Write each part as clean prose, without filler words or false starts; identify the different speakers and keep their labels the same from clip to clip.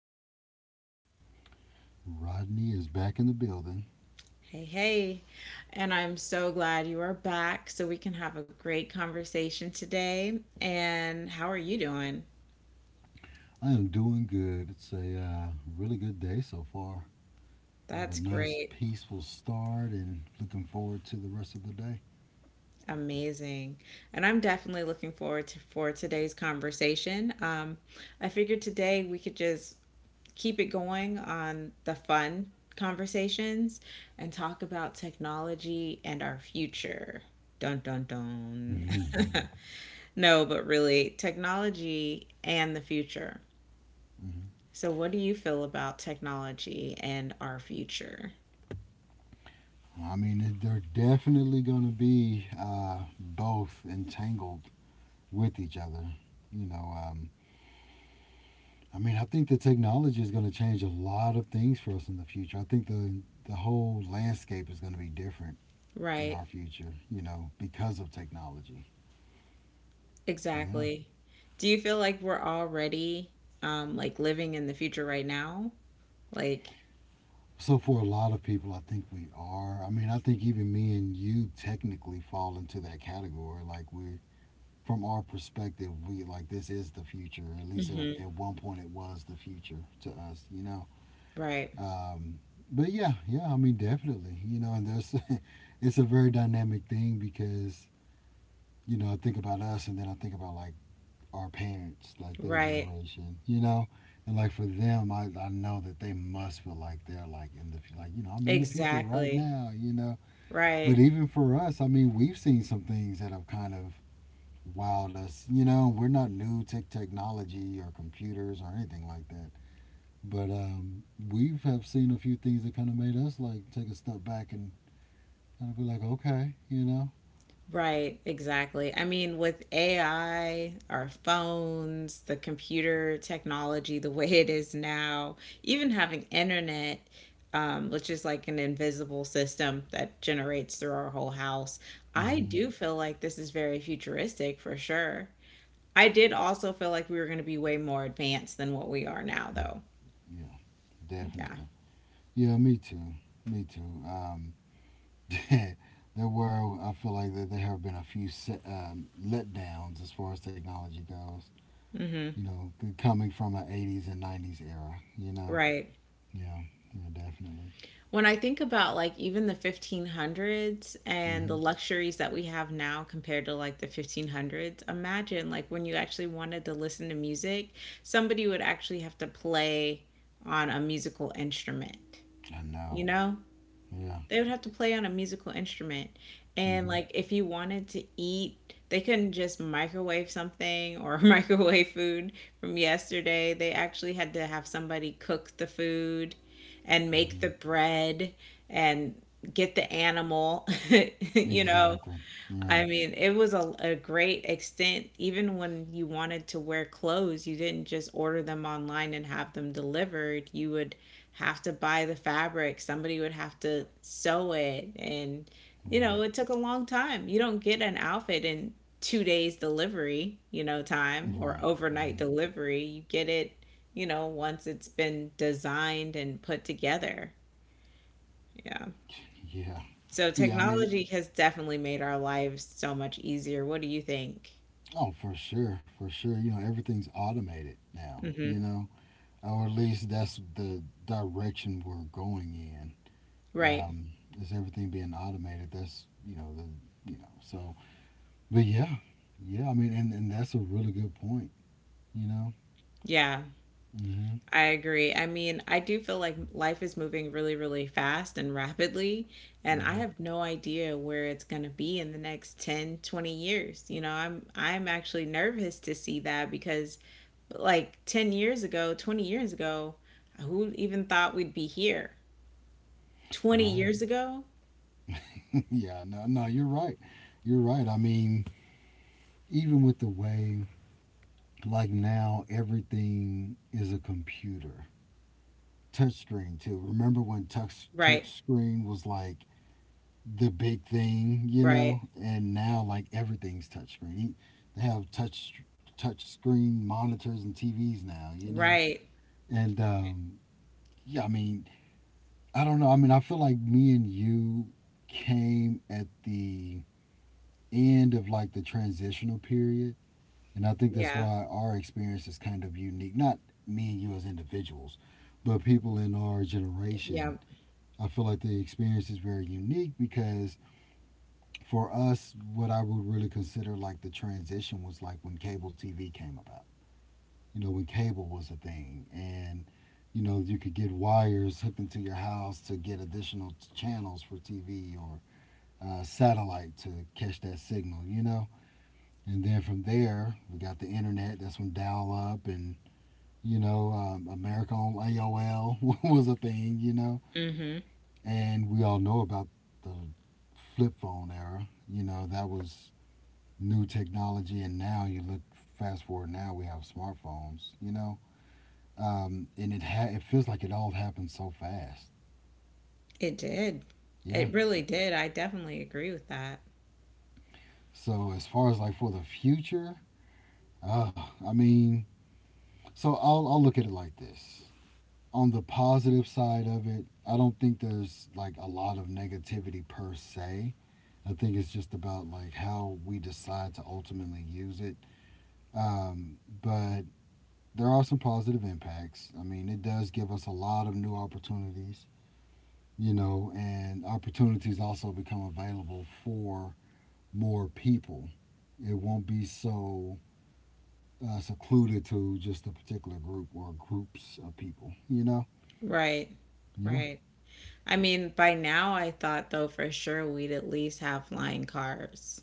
Speaker 1: with me.
Speaker 2: Rodney is back in the building.
Speaker 1: Hey, hey. And I'm so glad you are back so we can have a great conversation today. And how are you doing?
Speaker 2: I am doing good. It's a really good day so far. We have a
Speaker 1: That's
Speaker 2: nice,
Speaker 1: great.
Speaker 2: peaceful start and looking forward to the rest of the day.
Speaker 1: Amazing. And I'm definitely looking forward to for today's conversation. I figured today we could just keep it going on the fun conversations and talk about technology and our future. Dun dun dun. No, but really, technology and the future.
Speaker 2: Mhm.
Speaker 1: So, what do you feel about technology and our future?
Speaker 2: I mean, they're definitely going to be both entangled with each other. You know, I mean, I think the technology is going to change a lot of things for us in the future. I think the whole landscape is going to be different in
Speaker 1: Right,
Speaker 2: our future. You know, because of technology. Yeah.
Speaker 1: exactly. Do you feel like we're already like living in the future right now? Like,
Speaker 2: So for a lot of people, I think we are. I mean, I think even me and you technically fall into that category. Like we're, from our perspective, we like, this is the future. At least at,
Speaker 1: hmm,
Speaker 2: at 1 point, it was the future to us. You know.
Speaker 1: right,
Speaker 2: Um, but yeah, yeah. I mean, definitely. You know, and there's it's a very dynamic thing because, you know, I think about us, and then I think about like our parents, like their
Speaker 1: right,
Speaker 2: generation, you know, and like for them, I know that they must feel like they're like in the, like, you know, I'm in the future right
Speaker 1: exactly,
Speaker 2: now, you know. But
Speaker 1: right.
Speaker 2: even for us, I mean, we've seen some things that have kind of wowed us, you know. We're not new to technology or computers or anything like that, but we've have seen a few things that kind of made us like take a step back and kind of be like, okay, you know.
Speaker 1: Right, exactly. I mean, with AI, our phones, the computer technology, the way it is now, even having internet, which is like an invisible system that generates through our whole house, I
Speaker 2: Hmm.
Speaker 1: do feel like this is very futuristic for sure. I did also feel like we were going to be way more advanced than what we are now, though.
Speaker 2: Yeah,
Speaker 1: Yeah.
Speaker 2: definitely. Yeah, me too. Me too. There were, I feel like that there have been a few set, letdowns as far as technology goes.
Speaker 1: Hmm.
Speaker 2: You know, coming from an '80s and '90s era. You know,
Speaker 1: Right.
Speaker 2: yeah, yeah, definitely.
Speaker 1: When I think about like even the 1500s and the
Speaker 2: Hmm.
Speaker 1: luxuries that we have now compared to like the 1500s, imagine like when you actually wanted to listen to music, somebody would actually have to play on a musical instrument,
Speaker 2: I
Speaker 1: you
Speaker 2: know.
Speaker 1: know?
Speaker 2: Yeah.
Speaker 1: They would have to play on a musical instrument. And
Speaker 2: Hmm.
Speaker 1: like if you wanted to eat, they couldn't just microwave something or microwave food from yesterday. They actually had to have somebody cook the food and make
Speaker 2: Hmm.
Speaker 1: the bread and get the animal, you know.
Speaker 2: Exactly.
Speaker 1: I
Speaker 2: Right.
Speaker 1: mean, it was a great extent. Even when you wanted to wear clothes, you didn't just order them online and have them delivered. You would have to buy the fabric, somebody would have to sew it. And, you know,
Speaker 2: Right.
Speaker 1: it took a long time. You don't get an outfit in 2 days delivery, you know, time or
Speaker 2: Right.
Speaker 1: overnight
Speaker 2: Right.
Speaker 1: delivery. You get it, you know, once it's been designed and put together. Yeah.
Speaker 2: Yeah.
Speaker 1: So
Speaker 2: Yeah. I mean,
Speaker 1: technology has definitely made our lives so much easier. What do you think?
Speaker 2: oh, for sure, for sure. You know, everything's automated now.
Speaker 1: Hmm.
Speaker 2: You know, or at least that's the direction we're going in.
Speaker 1: Right.
Speaker 2: Um, is everything being automated? That's, you know, the, you know, so. But yeah, yeah. I mean, and that's a really good point. You know.
Speaker 1: Yeah,
Speaker 2: Mm-hmm.
Speaker 1: I agree. I mean, I do feel like life is moving really, really fast and rapidly, and I
Speaker 2: Mm-hmm.
Speaker 1: have no idea where it's going to be in the next 10, 20 years. You know, I'm actually nervous to see that because like 10 years ago, 20 years ago, who even thought we'd be here? 20
Speaker 2: Right.
Speaker 1: years ago?
Speaker 2: yeah. No. No. You're right. You're right. I mean, even with the way, like, now everything is a computer touch screen too. Remember when touch
Speaker 1: Right.
Speaker 2: touch screen was like the big thing, you
Speaker 1: Right.
Speaker 2: know, and now like everything's touchscreen. They have touch screen monitors and TVs now, you know,
Speaker 1: Right.
Speaker 2: and yeah, I mean, I don't know. I mean, I feel like me and you came at the end of like the transitional period, and I think that's
Speaker 1: Yeah.
Speaker 2: why our experience is kind of unique. Not me and you as individuals, but people in our
Speaker 1: Yeah.
Speaker 2: generation. I feel like the experience is very unique because for us, what I would really consider like the transition was like when cable TV came about. You know, when cable was a thing, and you know you could get wires hooked into your house to get additional channels for TV or satellite to catch that signal. You know, and then from there we got the internet. That's when dial up and, you know, America on AOL was a thing. You know,
Speaker 1: Mm-hmm.
Speaker 2: and we all know about the flip phone era. You know, that was new technology, and now you look, fast forward. Now we have smartphones, you know, and it feels like it all happened so fast.
Speaker 1: It did.
Speaker 2: Yeah.
Speaker 1: It really did. I definitely agree with that.
Speaker 2: So as far as like for the future, I mean, so I'll look at it like this. On the positive side of it, I don't think there's like a lot of negativity per se. I think it's just about like how we decide to ultimately use it. But there are some positive impacts. I mean, it does give us a lot of new opportunities, you know, and opportunities also become available for more people. It won't be so secluded to just a particular group or groups of people, you know?
Speaker 1: Right.
Speaker 2: Yeah.
Speaker 1: Right. I mean, by now I thought though for sure we'd at least have flying cars.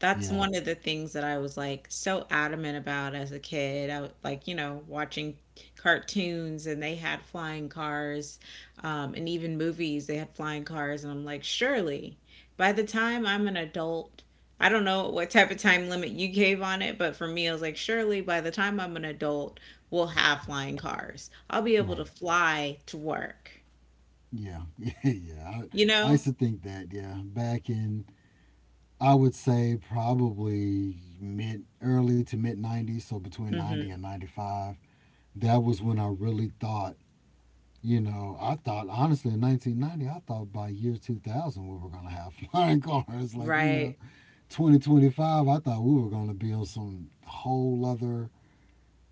Speaker 1: That's
Speaker 2: Yeah.
Speaker 1: one of the things that I was like so adamant about as a kid. I would, like, you know, watching cartoons and they had flying cars, and even movies, they had flying cars. And I'm like, surely by the time I'm an adult, I don't know what type of time limit you gave on it, but for me, I was like, surely by the time I'm an adult, we'll have flying cars. I'll be able
Speaker 2: Right.
Speaker 1: to fly to work,
Speaker 2: Yeah. yeah. Yeah.
Speaker 1: you
Speaker 2: I
Speaker 1: know?
Speaker 2: used to think that, yeah. Back in, I would say probably mid, early to mid 90s, so between 90
Speaker 1: Hmm.
Speaker 2: and 95, that was when I really thought. You know, I thought honestly in 1990, I thought by year 2000 we were gonna have flying cars. Like, you know,
Speaker 1: Right,
Speaker 2: 2025, I thought we were gonna be on some whole other,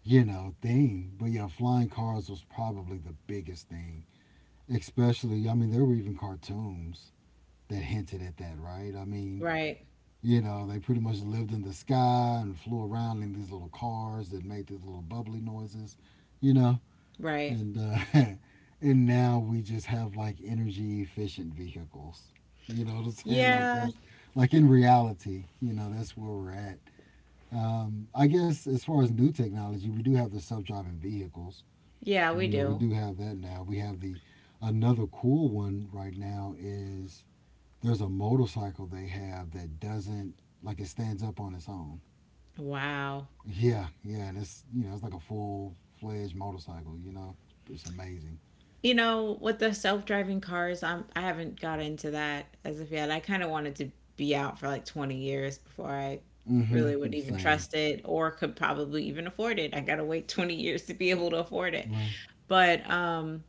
Speaker 2: you know, thing. But yeah, flying cars was probably the biggest thing. Especially, I mean, there were even cartoons that hinted at that, right? I mean,
Speaker 1: right,
Speaker 2: you know, they pretty much lived in the sky and flew around in these little cars that made these little bubbly noises. You know,
Speaker 1: right.
Speaker 2: and and now we just have like energy efficient vehicles. You know what I'm saying? Like,
Speaker 1: Yeah,
Speaker 2: that's like in reality, you know, that's where we're at. I guess as far as new technology, we do have the self driving vehicles.
Speaker 1: yeah, we
Speaker 2: You know, we
Speaker 1: do.
Speaker 2: do have that now. We have the, another cool one right now is there's a motorcycle they have that doesn't, like, it stands up on its own.
Speaker 1: Wow.
Speaker 2: Yeah, yeah, and it's, you know, it's like a full fledged motorcycle. You know, it's amazing.
Speaker 1: You know, with the self-driving cars, I haven't got into that as of yet. I kind of wanted to be out for like 20 years before I really
Speaker 2: Mm-hmm.
Speaker 1: would even
Speaker 2: Same.
Speaker 1: trust it or could probably even afford it. I got to wait 20 years to be able to afford it.
Speaker 2: Right.
Speaker 1: But um,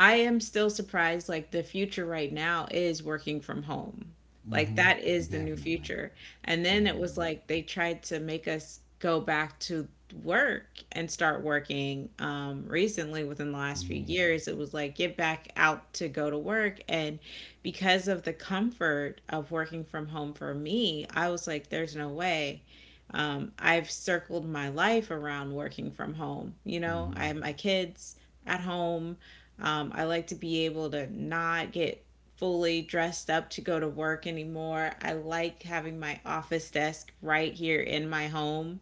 Speaker 1: I am still surprised. Like the future right now is working from home. Like
Speaker 2: Mm-hmm.
Speaker 1: that is the new
Speaker 2: Definitely.
Speaker 1: future. And then it was
Speaker 2: Definitely.
Speaker 1: like they tried to make us go back to work and start working. Recently, within the last few
Speaker 2: Mm-hmm.
Speaker 1: years, it was like get back out to go to work. And because of the comfort of working from home for me, I was like, there's no way I've circled my life around working from home. You know, I
Speaker 2: Mm-hmm.
Speaker 1: have my kids, at home. I like to be able to not get fully dressed up to go to work anymore. I like having my office desk right here in my home,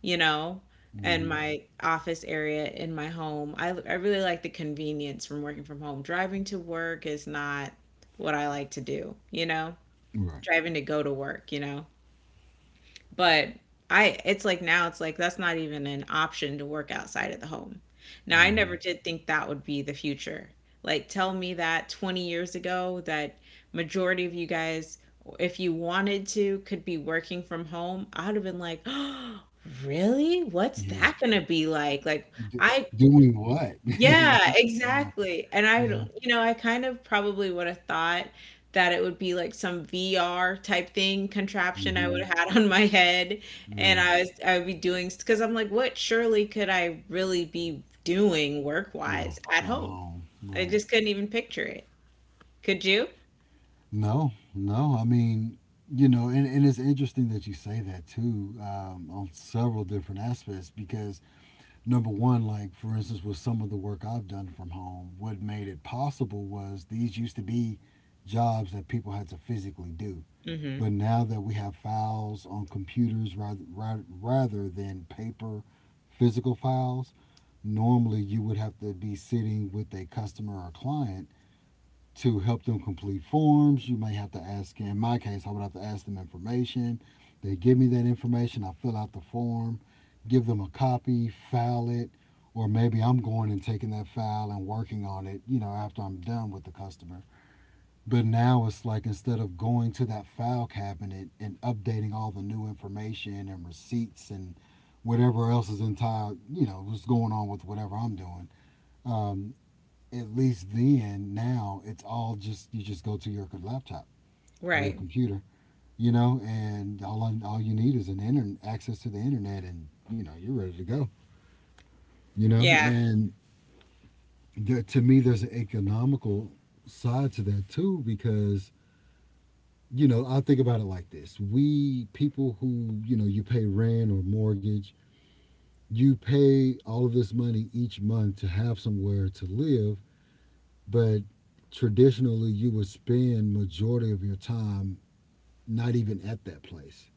Speaker 1: you know, and
Speaker 2: Mm-hmm.
Speaker 1: my office area in my home. I really like the convenience from working from home. Driving to work is not what I like to do, you know,
Speaker 2: Right.
Speaker 1: driving to go to work, you know. But I it's like now it's like that's not even an option to work outside of the home. Now I
Speaker 2: Mm-hmm.
Speaker 1: never did think that would be the future. Like tell me that 20 years ago that majority of you guys if you wanted to could be working from home, I would have been like, "Really? What's
Speaker 2: Yeah.
Speaker 1: that going to be like?" Like
Speaker 2: D-
Speaker 1: I
Speaker 2: doing what?
Speaker 1: yeah,
Speaker 2: yeah.
Speaker 1: exactly. And I
Speaker 2: Yeah.
Speaker 1: don't, you know, I kind of probably would have thought that it would be like some VR type thing contraption I
Speaker 2: Mm-hmm.
Speaker 1: would have had on my head and
Speaker 2: Right.
Speaker 1: I would be doing because I'm like, what surely could I really be doing
Speaker 2: Yeah.
Speaker 1: work-wise at
Speaker 2: From
Speaker 1: home?
Speaker 2: home.
Speaker 1: I
Speaker 2: Right.
Speaker 1: just couldn't even picture it. Could you?
Speaker 2: No. No. I mean, you know, and it's interesting that you say that too, on several different aspects because, number one, like for instance, with some of the work I've done from home, what made it possible was these used to be jobs that people had to physically do.
Speaker 1: Mm-hmm.
Speaker 2: But now that we have files on computers, rather than paper, physical files, normally you would have to be sitting with a customer or client to help them complete forms. You may have to ask, in my case, I would have to ask them information. They give me that information, I fill out the form, give them a copy, file it, or maybe I'm going and taking that file and working on it, you know, after I'm done with the customer. But now it's like instead of going to that file cabinet and updating all the new information and receipts and whatever else is entire, you know, what's going on with whatever I'm doing. Um, at least then now it's all, just, you just go to your laptop or your
Speaker 1: Right.
Speaker 2: computer, you know, and all you need is an internet, access to the internet, and, you know, you're ready to go, you know,
Speaker 1: Yeah,
Speaker 2: and there, to me there's an economical side to that too because, you know, I think about it like this. We, people who, you know, you pay rent or mortgage, you pay all of this money each month to have somewhere to live, but traditionally you would spend majority of your time not even at that place,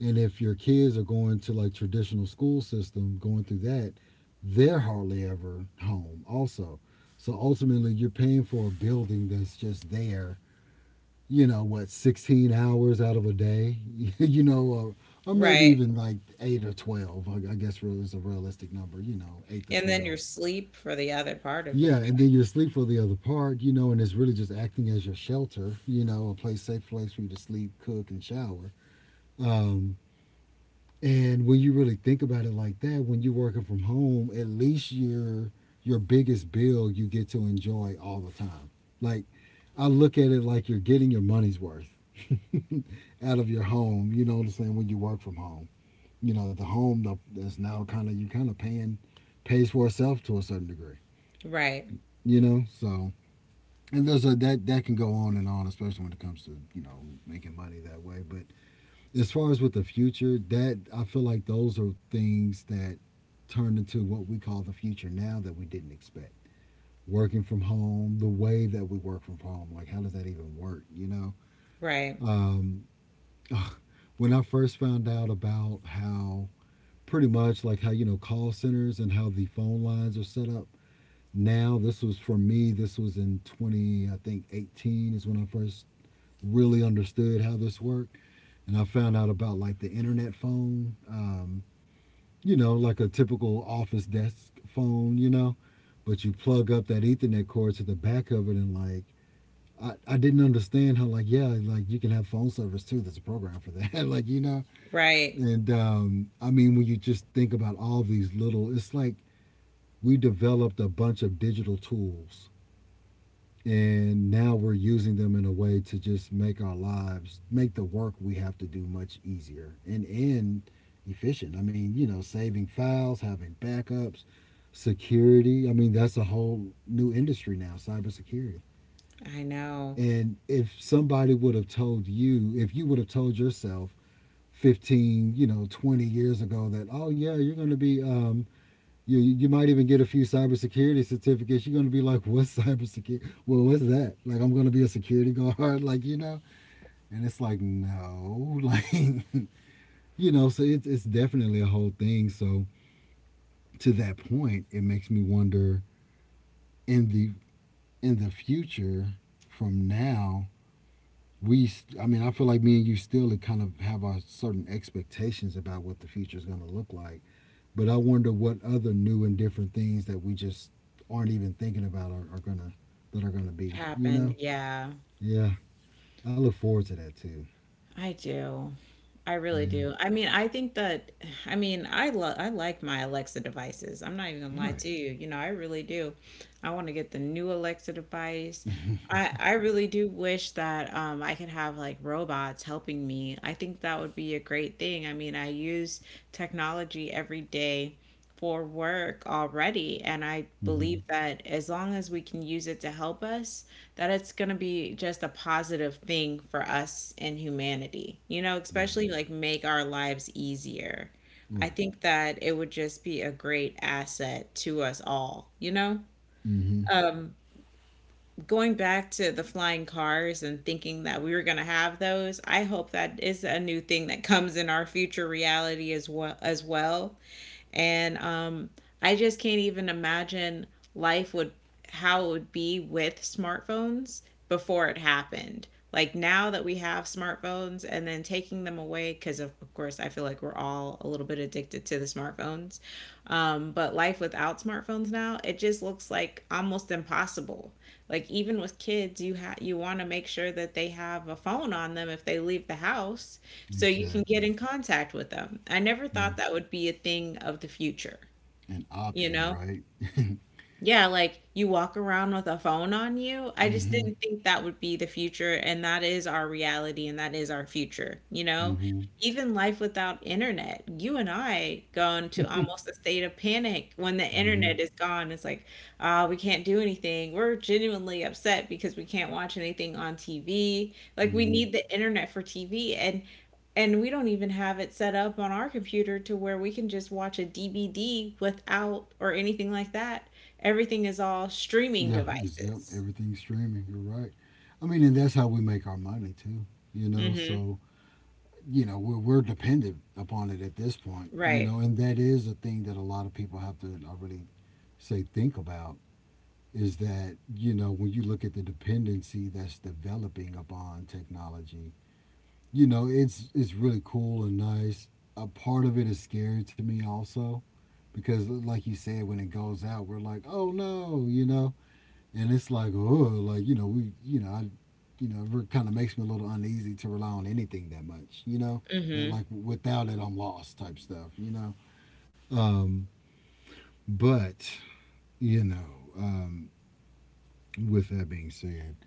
Speaker 2: and if your kids are going to like traditional school system, going through that, they're hardly ever home also, so ultimately you're paying for a building that's just there, you know, what, 16 hours out of a day, you know, or maybe
Speaker 1: right.
Speaker 2: even like 8 or 12. I guess is a realistic number, you know, 8 to
Speaker 1: And then your
Speaker 2: 12.
Speaker 1: sleep for the other part of it.
Speaker 2: Yeah, and then you sleep for the other part, you know, and it's really just acting as your shelter, you know, a place safe place for you to sleep, cook, and shower. Um, and when you really think about it like that, when you're working from home, at least your biggest bill you get to enjoy all the time. Like, I look at it like you're getting your money's worth out of your home. You know what I'm saying? When you work from home, you know, the home that's now kind of, you kind of paying, pays for itself to a certain degree.
Speaker 1: Right,
Speaker 2: You know, so, and there's a that that can go on and on, especially when it comes to, you know, making money that way. But as far as with the future, that, I feel like those are things that turned into what we call the future now that we didn't expect. Working from home, the way that we work from home, like how does that even work? You know,
Speaker 1: right,
Speaker 2: um, when I first found out about how, pretty much like how, you know, call centers and how the phone lines are set up now, this was for me, this was in 20, I think 18, is when I first really understood how this worked. And I found out about like the internet phone, you know, like a typical office desk phone, you know, but you plug up that Ethernet cord to the back of it and like, I didn't understand how like yeah like you can have phone service too. There's a program for that like
Speaker 1: right.
Speaker 2: and I mean when you just think about all these little it's like we developed a bunch of digital tools, and now we're using them in a way to just make our lives, make the work we have to do much easier and efficient. I mean, you know, saving files, having backups, security. I mean, that's a whole new industry now, cybersecurity.
Speaker 1: I know.
Speaker 2: And if somebody would have told you, if you would have told yourself 15, you know, 20 years ago that, oh yeah, you're going to be you might even get a few cybersecurity certificates. You're going to be like, what's cybersecurity? Well, what's that? Like, I'm going to be a security guard, like, you know? And it's like, no. Like, you know, so it's definitely a whole thing. So to that point, it makes me wonder, in the in the future from now, we, I mean, I feel like me and you still kind of have our certain expectations about what the future is going to look like. But I wonder what other new and different things that we just aren't even thinking about are gonna that are gonna be. You know?
Speaker 1: Happened. Yeah,
Speaker 2: Yeah. I look forward to that too.
Speaker 1: I do. I really
Speaker 2: Yeah.
Speaker 1: do. I mean, I think that I mean, I love I like my Alexa devices. I'm not even gonna lie
Speaker 2: Right.
Speaker 1: to you. You know, I really do. I want to get the new Alexa device. I really do wish that I could have like robots helping me. I think that would be a great thing. I mean, I use technology every day for work already, and I
Speaker 2: Mm-hmm.
Speaker 1: believe that as long as we can use it to help us, that it's going to be just a positive thing for us in humanity, you know,
Speaker 2: Right.
Speaker 1: especially like make our lives easier. I
Speaker 2: Right.
Speaker 1: think that it would just be a great asset to us all, you know?
Speaker 2: Mm-hmm.
Speaker 1: Um, going back to the flying cars and thinking that we were going to have those, I hope that is a new thing that comes in our future reality as well and I just can't even imagine life would how it would be with smartphones before it happened. Like now that we have smartphones and then taking them away, because of course I feel like we're all a little bit addicted to the smartphones. But life without smartphones now, it just looks like almost impossible. Like even with kids, you you want to make sure that they have a phone on them if they leave the house so you can get
Speaker 2: Exactly.
Speaker 1: in contact with them. I never
Speaker 2: Yeah.
Speaker 1: thought that would be a thing of the future,
Speaker 2: An
Speaker 1: you
Speaker 2: option,
Speaker 1: know?
Speaker 2: right?
Speaker 1: Yeah, like you walk around with a phone on you. I just didn't
Speaker 2: Mm-hmm.
Speaker 1: think that would be the future, and that is our reality and that is our future, you know?
Speaker 2: Mm-hmm.
Speaker 1: Even life without internet, you and I go into almost a state of panic when the
Speaker 2: Mm-hmm.
Speaker 1: internet is gone. It's like, ah, we can't do anything. We're genuinely upset because we can't watch anything on TV. Like we
Speaker 2: Mm-hmm.
Speaker 1: need the internet for TV. And we don't even have it set up on our computer to where we can just watch a DVD without or anything like that. Everything is all streaming
Speaker 2: Yeah. It's yep.
Speaker 1: devices.
Speaker 2: Everything's streaming. You're right. I mean, and that's how we make our money too. You know.
Speaker 1: Mhm.
Speaker 2: So you know we're dependent upon it at this point, you
Speaker 1: Right.
Speaker 2: know, and that is a thing that a lot of people have to, I really say, think about. Is that, you know, when you look at the dependency that's developing upon technology, you know, it's really cool and nice. A part of it is scary to me also, because like you said, when it goes out, we're like, oh no, you know. And it's like, oh, like we, I, it kind of makes me a little uneasy to rely on anything that much, you know, that
Speaker 1: Mhm.
Speaker 2: like without it I'm lost type stuff, you know. Um, but you know, um, with that being said,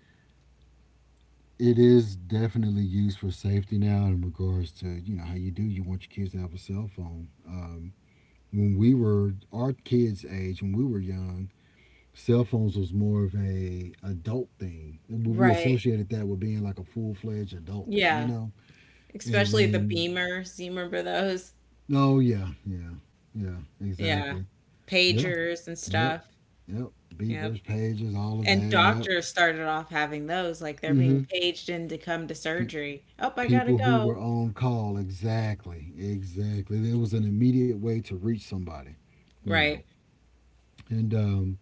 Speaker 2: it is definitely used for safety now in regards to, you know, how you do, you want your kids to have a cell phone. When we were our kids' age, when we were young, cell phones was more of a adult thing. We
Speaker 1: Right.
Speaker 2: associated that with being like a full fledged adult, you
Speaker 1: Yeah.
Speaker 2: know. And
Speaker 1: Especially the
Speaker 2: then,
Speaker 1: Beamers. Do you remember those?
Speaker 2: oh yeah, yeah, yeah,
Speaker 1: Yeah.
Speaker 2: exactly. Yeah,
Speaker 1: Pagers and
Speaker 2: yep,
Speaker 1: stuff.
Speaker 2: yep.
Speaker 1: Yep.
Speaker 2: Beepers, pages, all of
Speaker 1: And
Speaker 2: that. Yep.
Speaker 1: doctors started off having those, like they're being
Speaker 2: Mm-hmm.
Speaker 1: paged in to come to
Speaker 2: Pe-
Speaker 1: surgery. Oh, I gotta
Speaker 2: people who were
Speaker 1: go.
Speaker 2: on call, exactly, exactly. There was an immediate way to reach somebody, you know.
Speaker 1: Right.
Speaker 2: And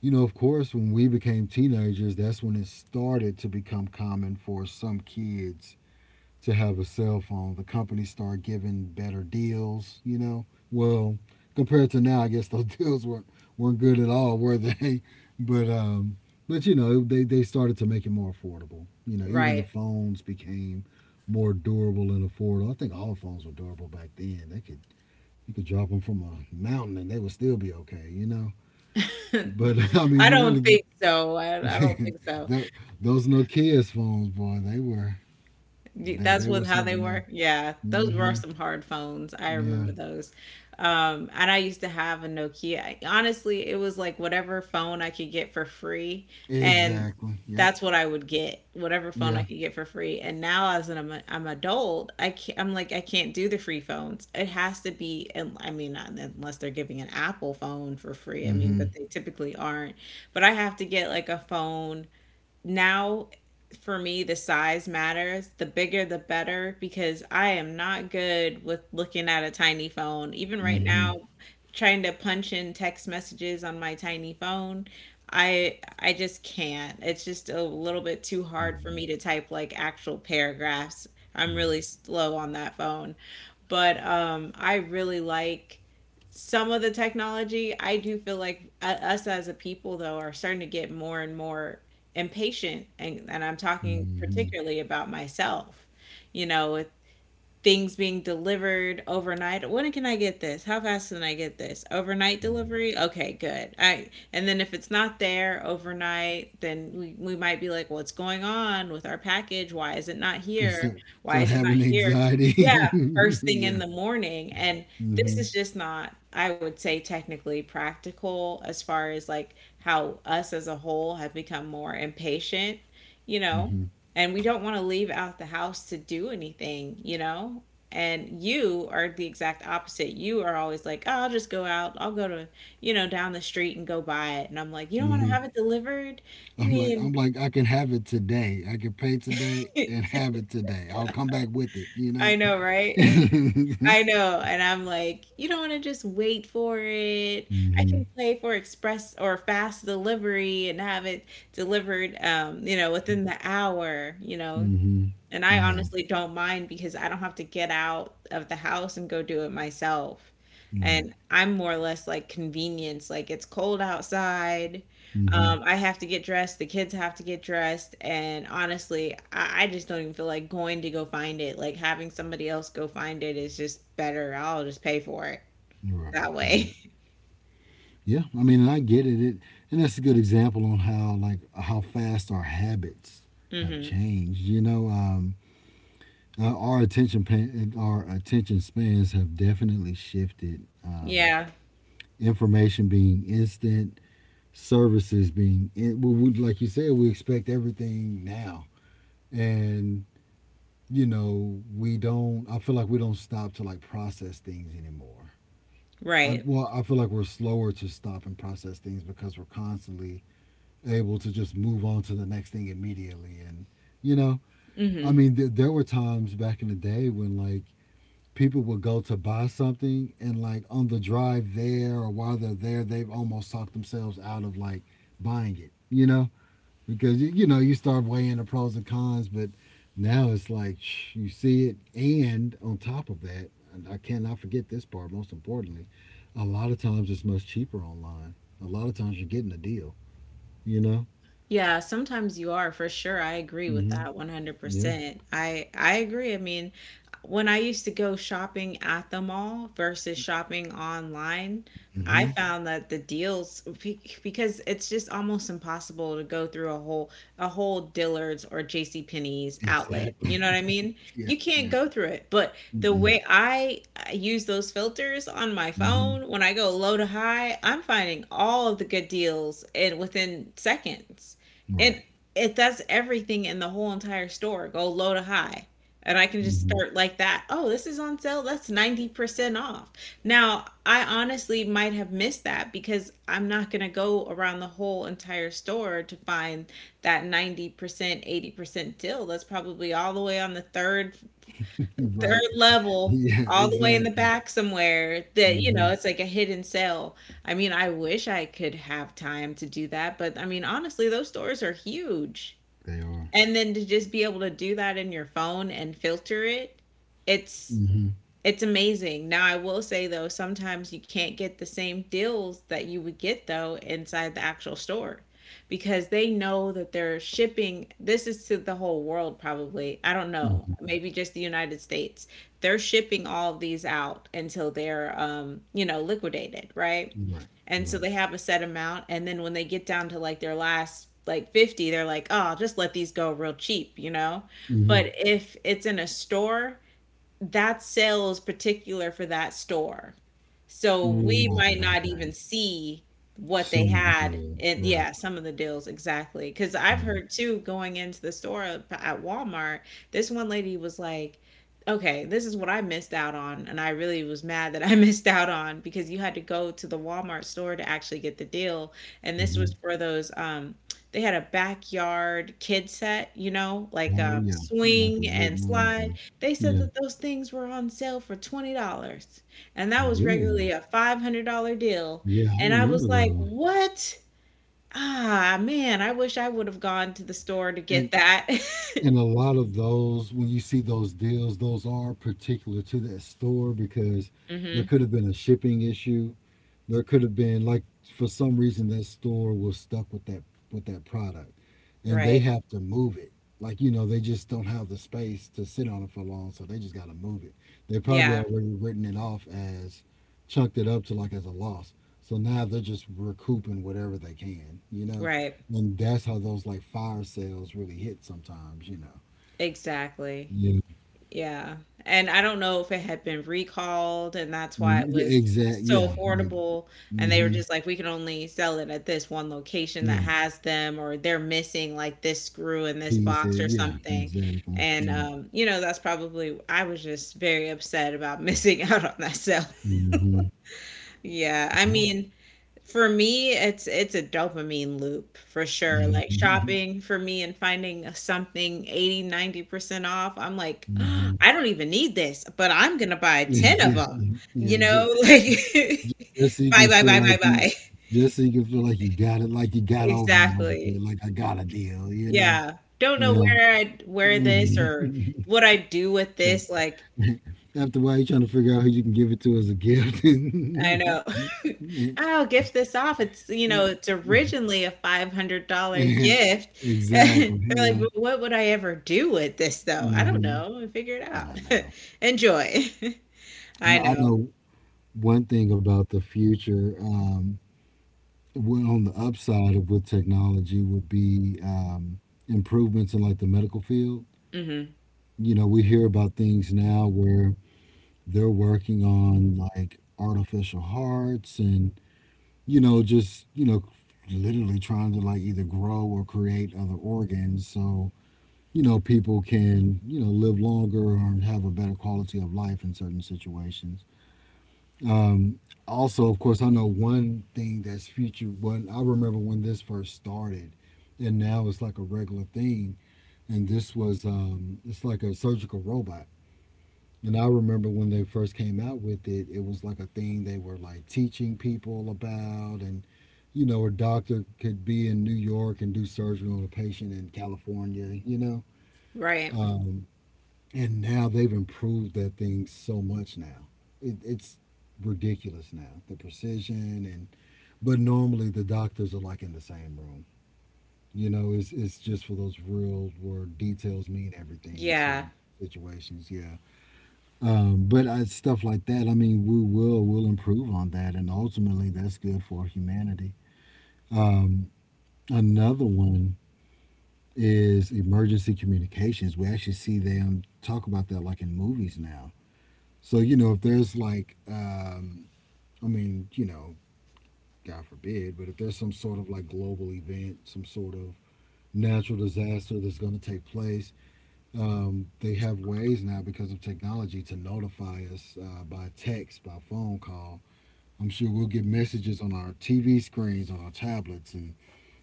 Speaker 2: you know, of course, when we became teenagers, that's when it started to become common for some kids to have a cell phone. The companies started giving better deals, you know. Well, compared to now, I guess those deals weren't good at all, were they? But um, but you know, they started to make it more affordable. You know, even the
Speaker 1: Right.
Speaker 2: phones became more durable and affordable. I think all phones were durable back then. They could, you could drop them from a mountain and they would still be okay, you know. But I mean,
Speaker 1: I
Speaker 2: you
Speaker 1: don't
Speaker 2: really
Speaker 1: think so. I don't think so.
Speaker 2: tho- those Nokia's phones, boy,
Speaker 1: That's
Speaker 2: they were
Speaker 1: what how they
Speaker 2: something else.
Speaker 1: were. Yeah, those were
Speaker 2: Hmm.
Speaker 1: some hard phones. I
Speaker 2: Yeah.
Speaker 1: remember those. And I used to have a Nokia. Honestly, it was like whatever phone I could get for free, and
Speaker 2: Exactly. Yep.
Speaker 1: that's what I would get, whatever phone I
Speaker 2: Yeah.
Speaker 1: could get for free. And now as an I'm adult, I can't, I'm like I can't do the free phones. It has to be, and I mean, not unless they're giving an Apple phone for free. I mean,
Speaker 2: Mm-hmm.
Speaker 1: but they typically aren't. But I have to get like a phone now for me, the size matters, the bigger the better, because I am not good with looking at a tiny phone. Even right
Speaker 2: Mm-hmm.
Speaker 1: now, trying to punch in text messages on my tiny phone, I just can't. It's just a little bit too hard for
Speaker 2: Hmm.
Speaker 1: me to type like actual paragraphs. I'm really
Speaker 2: Right.
Speaker 1: slow on that phone. But I really like some of the technology. I do feel like us as a people though are starting to get more and more and patient, and I'm talking
Speaker 2: Mm-hmm.
Speaker 1: particularly about myself, you know it, things being delivered overnight. When can I get this? How fast can I get this? Overnight
Speaker 2: Yeah.
Speaker 1: delivery? Okay, good. I And then if it's not there overnight, then we might be like, what's going on with our package? Why is it not
Speaker 2: And
Speaker 1: here?
Speaker 2: start
Speaker 1: Why is it not
Speaker 2: having
Speaker 1: here?
Speaker 2: anxiety.
Speaker 1: Yeah, first thing in
Speaker 2: Yeah.
Speaker 1: the morning. And this
Speaker 2: Mm-hmm.
Speaker 1: is just not, I would say, technically practical as far as like how us as a whole have become more impatient, you know,
Speaker 2: Mm-hmm.
Speaker 1: and we don't want to leave out the house to do anything, you know? And you are the exact opposite. You are always like, oh, I'll just go out. I'll go to, you know, down the street and go buy it. And I'm like, you don't want to
Speaker 2: Mm-hmm.
Speaker 1: have it delivered? I
Speaker 2: I'm
Speaker 1: mean,
Speaker 2: like I can have it today. I can pay today and have it today. I'll come back with it. You know.
Speaker 1: I know, right?
Speaker 2: Mm-hmm.
Speaker 1: I know. And I'm like, you don't want to just wait for it. I can pay for express or fast delivery and have it delivered, you know, within the hour, you know.
Speaker 2: Mm-hmm.
Speaker 1: And I
Speaker 2: Yeah.
Speaker 1: honestly don't mind because I don't have to get out of the house and go do it myself.
Speaker 2: Right.
Speaker 1: And I'm more or less like convenience. Like it's cold outside.
Speaker 2: Mm-hmm.
Speaker 1: I have to get dressed. The kids have to get dressed. And honestly, I just don't even feel like going to go find it. Like having somebody else go find it is just better. I'll just pay for it
Speaker 2: Right.
Speaker 1: that
Speaker 2: Right.
Speaker 1: way.
Speaker 2: Yeah, I mean, and I get it. And that's a good example on how like how fast our habits have
Speaker 1: hmm
Speaker 2: changed. You know, our our attention spans have definitely shifted.
Speaker 1: Yeah.
Speaker 2: Information being instant, services being in, like you said, we expect everything now, and you know, we don't. I feel like we don't stop to like process things anymore. I,
Speaker 1: Right.
Speaker 2: well, I feel like we're slower to stop and process things because we're constantly able to just move on to the next thing immediately. And, you know, I
Speaker 1: hmm
Speaker 2: mean, there were times back in the day when, like, people would go to buy something and, like, on the drive there or while they're there, they've almost talked themselves out of, like, buying it, you know? Because, you know, you start weighing the pros and cons, but now it's like shh, you see it. And on top of that, and I cannot forget this part, most importantly, a lot of times it's much cheaper online. A lot of times you're getting a deal, you know?
Speaker 1: Yeah, sometimes you are for sure. I agree with
Speaker 2: Hmm.
Speaker 1: that
Speaker 2: Yeah.
Speaker 1: 100%. I agree. I mean, when I used to go shopping at the mall versus shopping online, I
Speaker 2: Mhm.
Speaker 1: found that the because it's just almost impossible to go through a whole Dillard's or J.C. Penney's outlet. You know what
Speaker 2: Exactly.
Speaker 1: I mean?
Speaker 2: Yeah,
Speaker 1: You can't
Speaker 2: yeah.
Speaker 1: go through it. But the
Speaker 2: Mm-mm.
Speaker 1: way I use those filters on my
Speaker 2: Mhm.
Speaker 1: phone when I go low to high, I'm finding all of the good deals in within seconds.
Speaker 2: Right.
Speaker 1: It it does everything in the whole entire store, go low to high. And I can just
Speaker 2: Mhm.
Speaker 1: start like that. Oh, this is on sale. That's 90% off. Now, I honestly might have missed that because I'm not going to go around the whole entire store to find that 90%, 80% deal. That's probably all the way on the third
Speaker 2: Right.
Speaker 1: 3rd level,
Speaker 2: Yeah,
Speaker 1: all the way in the
Speaker 2: exactly.
Speaker 1: back somewhere that, you know,
Speaker 2: Mhm.
Speaker 1: it's like a hidden sale. I mean, I wish I could have time to do that, but I mean, honestly, those stores are huge.
Speaker 2: They are.
Speaker 1: And then to just be able to do that in your phone and filter it, it's
Speaker 2: Mhm.
Speaker 1: it's amazing. Now, I will say though, sometimes you can't get the same deals that you would get though inside the actual store because they know that they're shipping. This is to the whole world, probably. I don't know.
Speaker 2: Mhm.
Speaker 1: Maybe just the United States. They're shipping all of these out until they're, you know, liquidated, right?
Speaker 2: Right.
Speaker 1: And so
Speaker 2: Right.
Speaker 1: they have a set amount. And then when they get down to like their last like 50, they're like, oh, I'll just let these go real cheap, you know?
Speaker 2: Mhm.
Speaker 1: But if it's in a store, that sale is particular for that store. So we might
Speaker 2: Right.
Speaker 1: not even
Speaker 2: Okay.
Speaker 1: see what they
Speaker 2: Some of the
Speaker 1: had.
Speaker 2: deals.
Speaker 1: And
Speaker 2: Right.
Speaker 1: yeah, some of the deals exactly. Because I've
Speaker 2: Yeah.
Speaker 1: heard too going into the store at Walmart, this one lady was like, okay, this is what I missed out on. And I really was mad that I missed out on because you had to go to the Walmart store to actually get the deal. And this was
Speaker 2: Mhm.
Speaker 1: for those, they had a backyard kid set, you know, like
Speaker 2: Oh yeah. You like the
Speaker 1: swing and
Speaker 2: wooden ones
Speaker 1: slide.
Speaker 2: and
Speaker 1: They said
Speaker 2: yeah.
Speaker 1: that those things were on sale for $20, and that was regularly
Speaker 2: Really?
Speaker 1: a $500 deal.
Speaker 2: Yeah, I
Speaker 1: And I
Speaker 2: remember
Speaker 1: was like,
Speaker 2: those.
Speaker 1: what? Ah, man, I wish I would have gone to the store to get
Speaker 2: And
Speaker 1: that.
Speaker 2: And a lot of those, when you see those deals, those are particular to that store because there
Speaker 1: hmm
Speaker 2: could have been a shipping issue. There could have been like, for some reason, that store was stuck with that, with that product, and they
Speaker 1: Right.
Speaker 2: have to move it. Like, you know, they just don't have the space to sit on it for long, so they just gotta move it. They probably
Speaker 1: Yeah,
Speaker 2: already written it off as, chunked it up to like as a loss. So now they're just recouping whatever they can, you know?
Speaker 1: right.
Speaker 2: And that's how those like fire sales really hit sometimes, you know.
Speaker 1: Exactly.
Speaker 2: Yeah.
Speaker 1: Yeah, and I don't know if it had been recalled, and that's why
Speaker 2: Mm,
Speaker 1: it
Speaker 2: yeah
Speaker 1: was
Speaker 2: exact.
Speaker 1: so
Speaker 2: Yeah. Yeah.
Speaker 1: affordable, and they were
Speaker 2: Mm-hmm.
Speaker 1: just like, "We can only sell it at this one location that
Speaker 2: Yeah.
Speaker 1: has them," or they're missing like this screw in this
Speaker 2: Peace.
Speaker 1: box or
Speaker 2: Yeah.
Speaker 1: something.
Speaker 2: Exactly.
Speaker 1: And,
Speaker 2: Yeah.
Speaker 1: you know, that's probably I was just very upset about missing out on that sale.
Speaker 2: Mm-hmm.
Speaker 1: Yeah, I
Speaker 2: Yeah.
Speaker 1: mean for me, it's a dopamine loop for sure. Like
Speaker 2: Mm-hmm.
Speaker 1: shopping for me and finding something 80, 90% off, I'm like,
Speaker 2: Mm-hmm.
Speaker 1: I don't even need this, but I'm gonna buy 10 of
Speaker 2: Yeah.
Speaker 1: them.
Speaker 2: Yeah. Yeah.
Speaker 1: You know, like
Speaker 2: Just so you
Speaker 1: buy,
Speaker 2: can
Speaker 1: buy,
Speaker 2: feel
Speaker 1: buy,
Speaker 2: like
Speaker 1: buy, buy.
Speaker 2: just so you can feel like you got it, like you got over a little
Speaker 1: Exactly.
Speaker 2: bit, like I got a deal, you know?
Speaker 1: Yeah. Don't know
Speaker 2: Yeah.
Speaker 1: where I wear this
Speaker 2: Mhm.
Speaker 1: or what I do with
Speaker 2: Try-
Speaker 1: this. Like
Speaker 2: After a while, you're trying to figure out who you can give it to as a gift.
Speaker 1: I know.
Speaker 2: Yeah.
Speaker 1: I'll gift this off. It's, you know, it's originally a $500 gift. They're
Speaker 2: Exactly.
Speaker 1: like,
Speaker 2: Yeah.
Speaker 1: but what would I ever do with this though? I don't
Speaker 2: Mm-hmm.
Speaker 1: know. I figure it
Speaker 2: I
Speaker 1: out.
Speaker 2: know.
Speaker 1: Enjoy. I
Speaker 2: Now, I
Speaker 1: know.
Speaker 2: know one thing about the future. Well, on the upside of with technology would be improvements in like the medical field.
Speaker 1: Hmm
Speaker 2: You know, we hear about things now where they're working on like artificial hearts and, you know, just, you know, literally trying to like either grow or create other organs, so, you know, people can, you know, live longer or have a better quality of life in certain situations. Um, also, of course, I know one thing that's future. One, I remember when this first started, and now it's like a regular thing. And this was it's like a surgical robot. And I remember when they first came out with it, it was like a thing they were like teaching people about, and you know, a doctor could be in New York and do surgery on a patient in California. You know.
Speaker 1: Right.
Speaker 2: Um, and now they've improved that thing so much now. It's ridiculous now, the precision and, but normally the doctors are like in the same room. You know, it's just for those real where details mean everything sort
Speaker 1: Yeah.
Speaker 2: of situations, yeah. But I, stuff like that, I mean, we will improve on that, and ultimately that's good for humanity. Um, another one is emergency communications. We actually see them talk about that like in movies now. So, you know, if there's like, I mean, you know, God forbid, but if there's some sort of like global event, some sort of natural disaster that's going to take place, they have ways now because of technology to notify us by text, by phone call. I'm sure we'll get messages on our TV screens, on our tablets. And,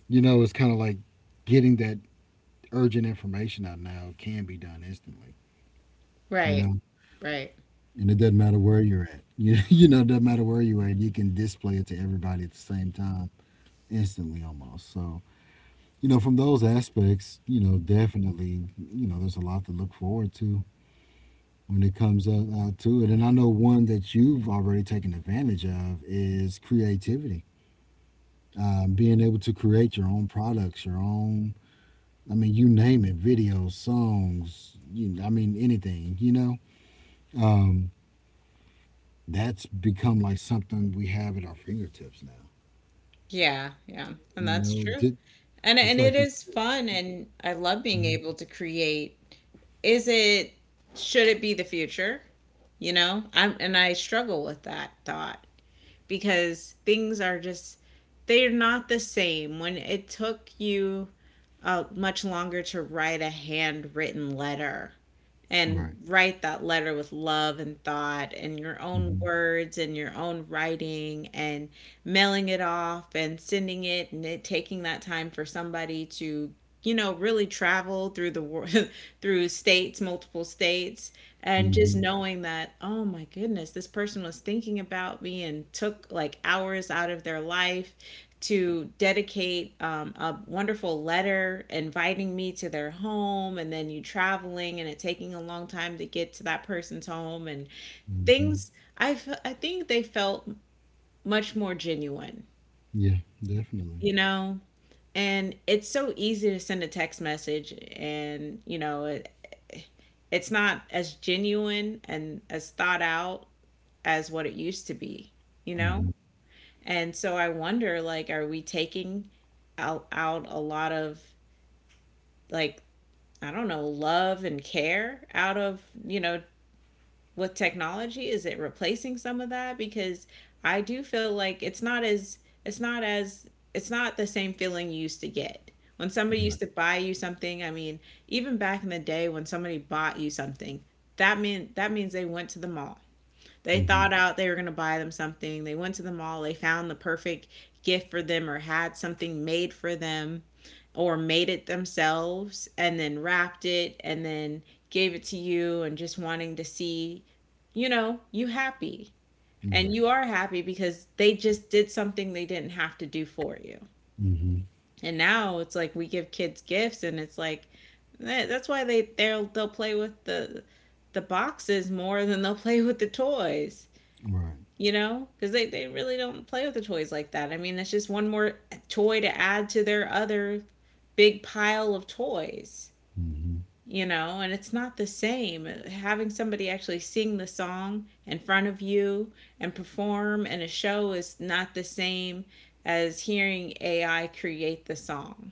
Speaker 2: you know, it's kind of like getting that urgent information out now can be done instantly, you
Speaker 1: Right.
Speaker 2: know?
Speaker 1: Right.
Speaker 2: And it doesn't matter where you're at. You know, it doesn't matter where you're at. You can display it to everybody at the same time, instantly almost. So you know, from those aspects, you know, definitely, you know, there's a lot to look forward to when it comes out to it. And I know one that you've already taken advantage of is creativity. Being able to create your own products, your own, I mean, you name it, videos, songs, I mean, anything, you know, um, that's become like something we have at our fingertips now.
Speaker 1: Yeah. Yeah. And
Speaker 2: You
Speaker 1: that's
Speaker 2: know,
Speaker 1: true. And
Speaker 2: just like
Speaker 1: it
Speaker 2: you.
Speaker 1: is fun and I love being
Speaker 2: Mhm.
Speaker 1: able to create. Is it should it be the future? You know? I struggle with that thought, because things are just they're not the same when it took you much longer to write a handwritten letter and
Speaker 2: Right.
Speaker 1: write that letter with love and thought and your own
Speaker 2: Hmm.
Speaker 1: words and your own writing and mailing it off and sending it and it taking that time for somebody to, you know, really travel through the world through states multiple states and just
Speaker 2: Hmm.
Speaker 1: knowing that, oh my goodness, this person was thinking about me and took like hours out of their life to dedicate a wonderful letter inviting me to their home, and then you traveling and it taking a long time to get to that person's home and
Speaker 2: Hmm.
Speaker 1: things I think they felt much more genuine,
Speaker 2: Yeah, definitely.
Speaker 1: you know. And it's so easy to send a text message and you know it, It's not as genuine and as thought out as what it used to be, you know.
Speaker 2: Hmm.
Speaker 1: And so I wonder, like, are we taking out a lot of, like, I don't know, love and care out of, you know, with technology? Is it replacing some of that? Because I do feel like it's not as it's not the same feeling you used to get. When somebody
Speaker 2: Right.
Speaker 1: used to buy you something, I mean, even back in the day when somebody bought you something, that means they went to the mall. They
Speaker 2: Hmm.
Speaker 1: thought out They were going to buy them something. They went to the mall, they found the perfect gift for them or had something made for them or made it themselves and then wrapped it and then gave it to you and just wanting to see, you know, you happy. And
Speaker 2: Right.
Speaker 1: you are happy because they just did something they didn't have to do for you.
Speaker 2: Hmm.
Speaker 1: And now it's like we give kids gifts and it's like that's why they'll play with the boxes more than they'll play with the toys,
Speaker 2: Right.
Speaker 1: you know, because they really don't play with the toys like that. I mean, it's just one more toy to add to their other big pile of toys,
Speaker 2: Hmm.
Speaker 1: you know. And it's not the same having somebody actually sing the song in front of you and perform in a show. Is not the same as hearing AI create the song,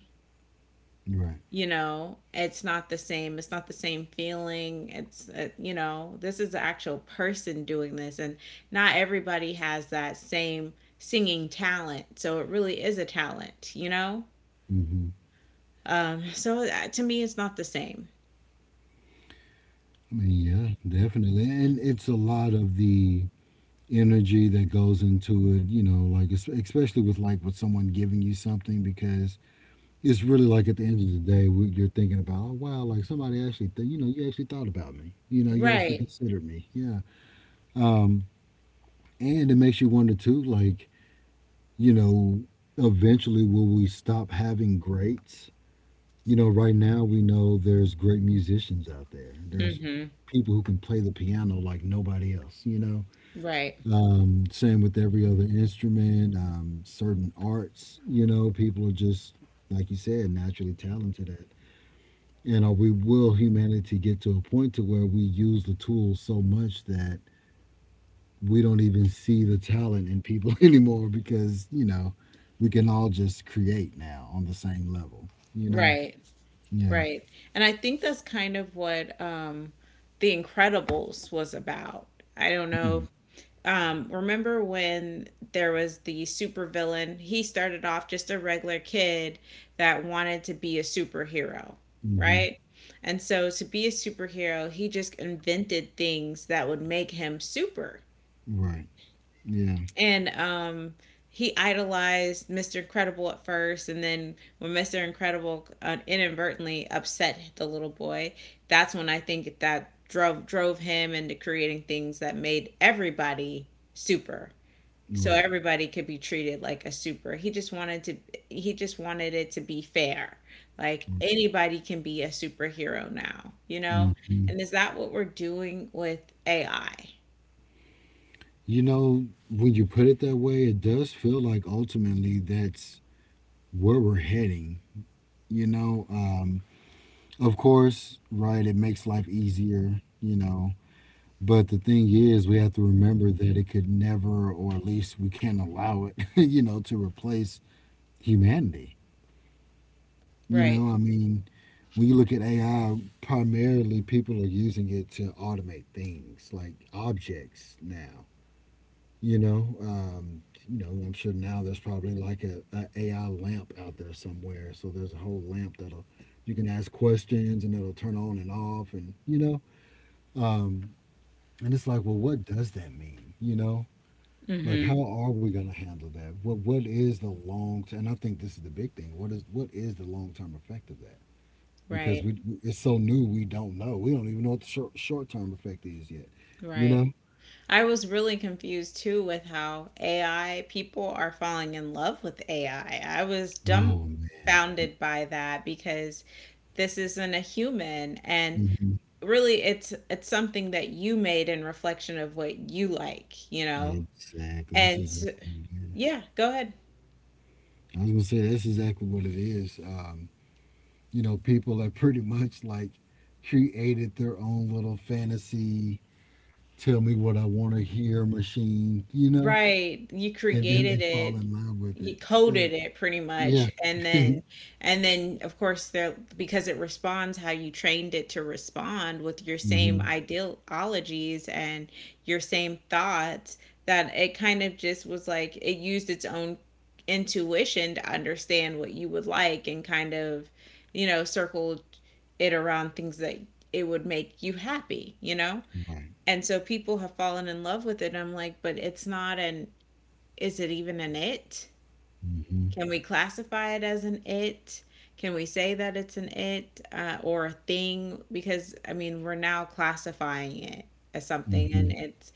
Speaker 2: Right.
Speaker 1: you know. It's not the same feeling. It's you know, this is the actual person doing this. And not everybody has that same singing talent, so it really is a talent, you know.
Speaker 2: Hmm.
Speaker 1: Um, so that, to me, it's not the same.
Speaker 2: I mean, yeah, definitely. And it's a lot of the energy that goes into it, you know, like especially with like with someone giving you something, because it's really like at the end of the day, you're thinking about, oh wow, like somebody actually, you know, you actually thought about me, you know, you actually
Speaker 1: Right.
Speaker 2: considered me. Yeah. Um, And it makes you wonder too, like, you know, eventually will we stop having greats? You know, right now we know there's great musicians out there. There's
Speaker 1: Mhm.
Speaker 2: people who can play the piano like nobody else, you know.
Speaker 1: Right.
Speaker 2: Same with every other instrument, certain arts, you know, people are just, like you said, naturally talented at. You know, we will humanity get to a point to where we use the tools so much that we don't even see the talent in people anymore, because you know we can all just create now on the same level, you know.
Speaker 1: Right.
Speaker 2: Yeah.
Speaker 1: Right. And I think that's kind of what The Incredibles was about. I don't know. Remember when there was the supervillain? He started off just a regular kid that wanted to be a superhero,
Speaker 2: Mm-hmm.
Speaker 1: right? And so to be a superhero, he just invented things that would make him super.
Speaker 2: Right. Yeah.
Speaker 1: And he idolized Mr. Incredible at first, and then when Mr. Incredible inadvertently upset the little boy, that's when I think that drove him into creating things that made everybody super so
Speaker 2: Right.
Speaker 1: everybody could be treated like a super. He just wanted it to be fair. Like anybody can be a superhero now, you know?
Speaker 2: Hmm.
Speaker 1: And is that what we're doing with AI?
Speaker 2: You know, when you put it that way, it does feel like ultimately that's where we're heading, you know. Of course, right, it makes life easier, you know, but the thing is we have to remember that it could never, or at least we can't allow it you know, to replace humanity. You
Speaker 1: Right.
Speaker 2: know, I mean, when you look at AI, primarily people are using it to automate things like objects now. You know, um, you know, I'm sure now there's probably like AI lamp out there somewhere. So there's a whole lamp that'll, you can ask questions and it'll turn on and off, and you know, um, and it's like, well, what does that mean? You know, like
Speaker 1: Mhm.
Speaker 2: how are we going to handle that? What is the long? And I think this is the big thing. What is the long term effect of that? Because
Speaker 1: Right.
Speaker 2: we, it's so new, we don't know. We don't even know what the short term effect is yet. You
Speaker 1: Right.
Speaker 2: know?
Speaker 1: I was really confused too with how AI people are falling in love with AI. I was
Speaker 2: Oh man.
Speaker 1: dumbfounded by that because this isn't a human, and
Speaker 2: Hmm.
Speaker 1: really it's something that you made in reflection of what you like, you know.
Speaker 2: Exactly. That's
Speaker 1: And
Speaker 2: exactly what it is.
Speaker 1: yeah, go ahead.
Speaker 2: I was gonna say that's exactly what it is. You know, people that pretty much like created their own little fantasy, tell me what I want to hear machine. You know,
Speaker 1: Right. You
Speaker 2: and then they
Speaker 1: created
Speaker 2: fall
Speaker 1: it.
Speaker 2: in love with
Speaker 1: You
Speaker 2: it. Yeah.
Speaker 1: coded it pretty
Speaker 2: Yeah.
Speaker 1: much, and then of course there, because it responds how you trained it to respond with your same
Speaker 2: Hmm.
Speaker 1: ideologies and your same thoughts, that it kind of just was like it used its own intuition to understand what you would like, and kind of, you know, circle it around things that it would make you happy, you know?
Speaker 2: Right.
Speaker 1: And so people have fallen in love with it. I'm like, but it's not an, is it even an it?
Speaker 2: Hmm.
Speaker 1: Can we classify it as an it? Can we say that it's an it, or a thing? Because I mean, we're now classifying it as something,
Speaker 2: Hmm.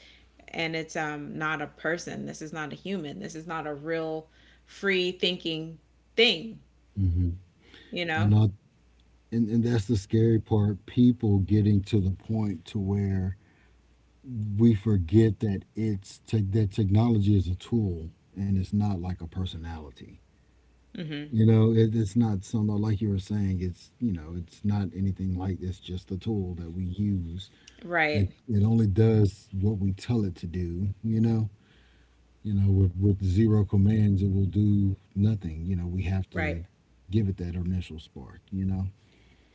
Speaker 1: and it's not a person. This is not a human. This is not a real free thinking thing,
Speaker 2: Hmm.
Speaker 1: you
Speaker 2: I
Speaker 1: know.
Speaker 2: know. And that's the scary part, people getting to the point to where we forget that that technology is a tool and it's not like a personality,
Speaker 1: Hmm
Speaker 2: you know. It's not some, like you were saying, it's, you know, it's not anything like, it's just a tool that we use. it,
Speaker 1: right
Speaker 2: it only does what we tell it to do, you know. You know, with zero commands it will do nothing, you know. We have
Speaker 1: right
Speaker 2: to give it that initial spark, you know.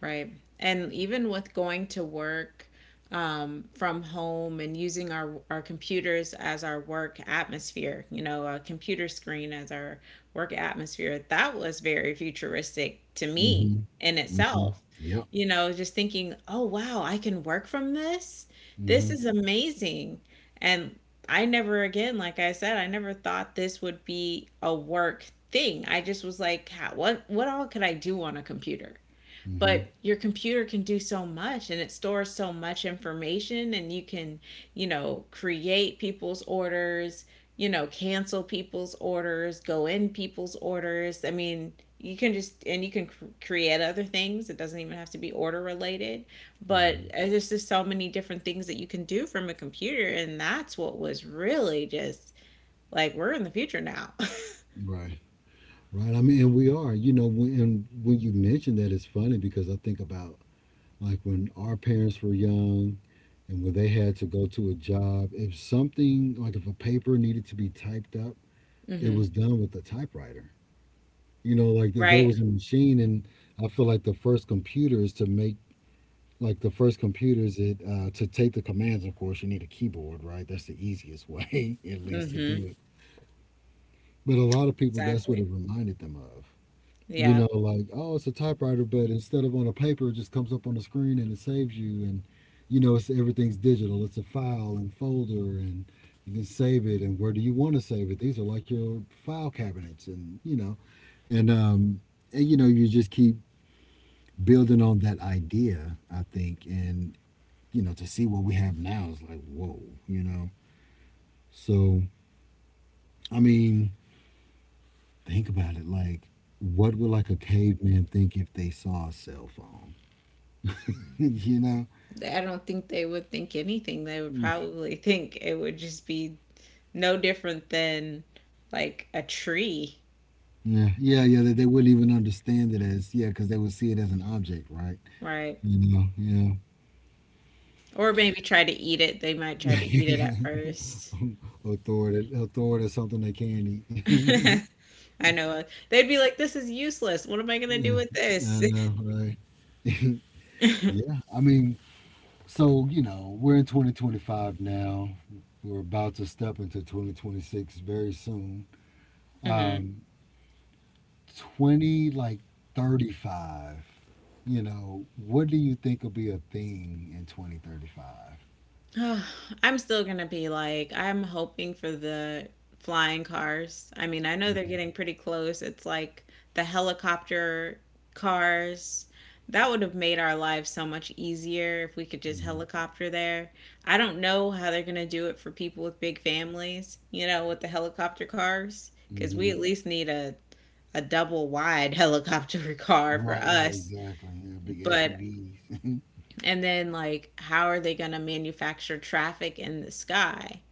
Speaker 1: Right. And even with going to work from home and using our computers as our work atmosphere, you know, a computer screen as our work atmosphere, that was very futuristic to me
Speaker 2: Mm-hmm.
Speaker 1: in
Speaker 2: Mm-hmm.
Speaker 1: itself.
Speaker 2: Yep.
Speaker 1: You know, just thinking, oh, wow, I can work from this. This
Speaker 2: Mm-hmm.
Speaker 1: is amazing. And I never, again, like I said, I never thought this would be a work thing. I just was like, what all could I do on a computer?"
Speaker 2: Hmm.
Speaker 1: But your computer can do so much, and it stores so much information, and you can, you know, create people's orders, you know, cancel people's orders, go in people's orders. I mean, you can just, and you can create other things. It doesn't even have to be order related. But
Speaker 2: Hmm.
Speaker 1: there's just so many different things that you can do from a computer, and that's what was really just like, we're in the future now.
Speaker 2: Right. Right. I mean, and we are, you know, when, and when you mention that, it's funny because I think about like when our parents were young, and when they had to go to a job, if something, like if a paper needed to be typed up, it
Speaker 1: hmm
Speaker 2: was done with a typewriter. You know, like there
Speaker 1: right
Speaker 2: was a machine, and I feel like the first computers to make, like the first computers it to take the commands. Of course, you need a keyboard, right? That's the easiest way, at least, to
Speaker 1: hmm
Speaker 2: do it. But a lot of people, that's what it
Speaker 1: exactly.
Speaker 2: reminded them of. You
Speaker 1: Yeah.
Speaker 2: know, like, oh, it's a typewriter, but instead of on a paper, it just comes up on the screen and it saves you. And, you know, it's, everything's digital. It's a file and folder, and you can save it. And where do you want to save it? These are like your file cabinets, and you know, and um, and you know, you just keep building on that idea, I think, and you know, to see what we have now is like, whoa, you know. So, I mean, think about it. Like, what would like a caveman think if they saw a cell phone? You know.
Speaker 1: I don't think they would think anything. They would
Speaker 2: Mm.
Speaker 1: probably think it would just be no different than like a tree,
Speaker 2: Yeah, yeah, yeah. That they wouldn't even understand it as, yeah, because they would see it as an object, right?
Speaker 1: right?
Speaker 2: You know, yeah.
Speaker 1: Or maybe try to eat it. They might try to eat it at first.
Speaker 2: Authority, authority it, something they can eat.
Speaker 1: I know. They'd be like, this is useless. What am I going to
Speaker 2: Yeah,
Speaker 1: do with
Speaker 2: I
Speaker 1: this?
Speaker 2: know, right? Yeah, I mean, so you know, we're in 2025 now. We're about to step into 2026 very soon.
Speaker 1: hmm
Speaker 2: 20 like 35. You know, what do you think will be a thing in 2035?
Speaker 1: I'm still gonna be like, I'm hoping for the flying cars. I mean, I know they're
Speaker 2: Hmm.
Speaker 1: getting pretty close. It's like the helicopter cars. That would have made our lives so much easier if we could just helicopter there. I don't know how they're gonna do it for people with big families, you know, with the helicopter cars, because we
Speaker 2: Hmm.
Speaker 1: at least need a double wide helicopter car for
Speaker 2: Right, right,
Speaker 1: us.
Speaker 2: exactly. Yeah, big
Speaker 1: But,
Speaker 2: SUVs.
Speaker 1: and then like how are they going to manufacture traffic in the sky?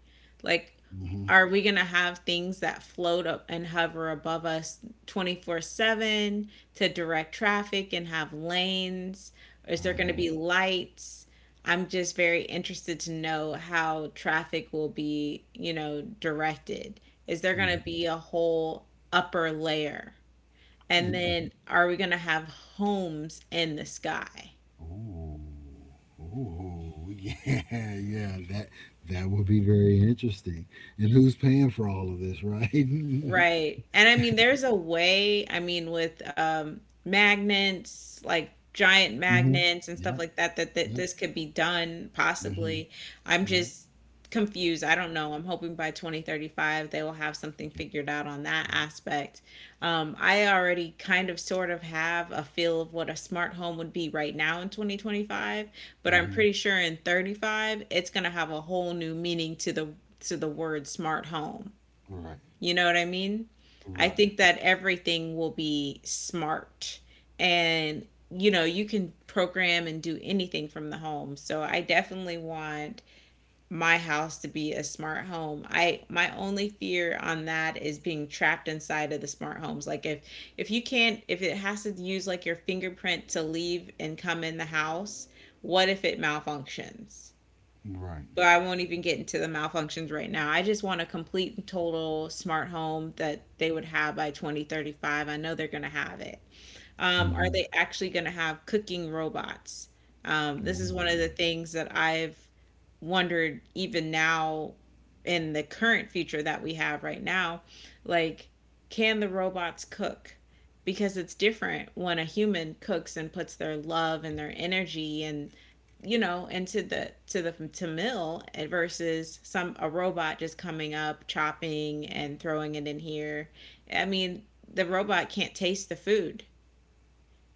Speaker 1: Like,
Speaker 2: Hmm.
Speaker 1: are we going to have things that float up and hover above us 24/7 to direct traffic and have lanes? Is there going to
Speaker 2: Hmm.
Speaker 1: be lights? I'm just very interested to know how traffic will be, you know, directed. Is there going to be a whole upper layer? And
Speaker 2: And,
Speaker 1: then are we going to have homes in the sky?
Speaker 2: oh, oh, yeah, yeah. That would be very interesting. And who's paying for all of this, right? Hmm.
Speaker 1: Right. And I mean, there's a way, I mean, with magnets, like giant magnets and
Speaker 2: Yep,
Speaker 1: stuff like that, that
Speaker 2: yep.
Speaker 1: this could be done
Speaker 2: Hmm.
Speaker 1: possibly. I'm
Speaker 2: Right.
Speaker 1: just confused. I don't know. I'm hoping by 2035 they will have something
Speaker 2: Okay.
Speaker 1: figured out on that aspect. I already kind of sort of have a feel of what a smart home would be right now in 2025, but I'm
Speaker 2: Hmm.
Speaker 1: pretty sure in 35 it's going to have a whole new meaning to the word smart home.
Speaker 2: Right,
Speaker 1: You know what I mean? I
Speaker 2: right,
Speaker 1: think that everything will be smart, and you know, you can program and do anything from the home. So I definitely want my house to be a smart home. I, my only fear on that is being trapped inside of the smart homes. Like if you can't, if it has to use like your fingerprint to leave and come in the house, what if it malfunctions?
Speaker 2: right.
Speaker 1: But I won't even get into the malfunctions right now. I just want a complete and total smart home that they would have by 2035. I know they're going to have it. Are
Speaker 2: Hmm.
Speaker 1: they actually going to have cooking robots? This is one of
Speaker 2: Oh.
Speaker 1: the things that I've wondered even now, in the current future that we have right now. Like, can the robots cook? Because it's different when a human cooks and puts their love and their energy and, you know, into the to meal, and versus some a robot just coming up, chopping and throwing it in here. I mean, the robot can't taste the food,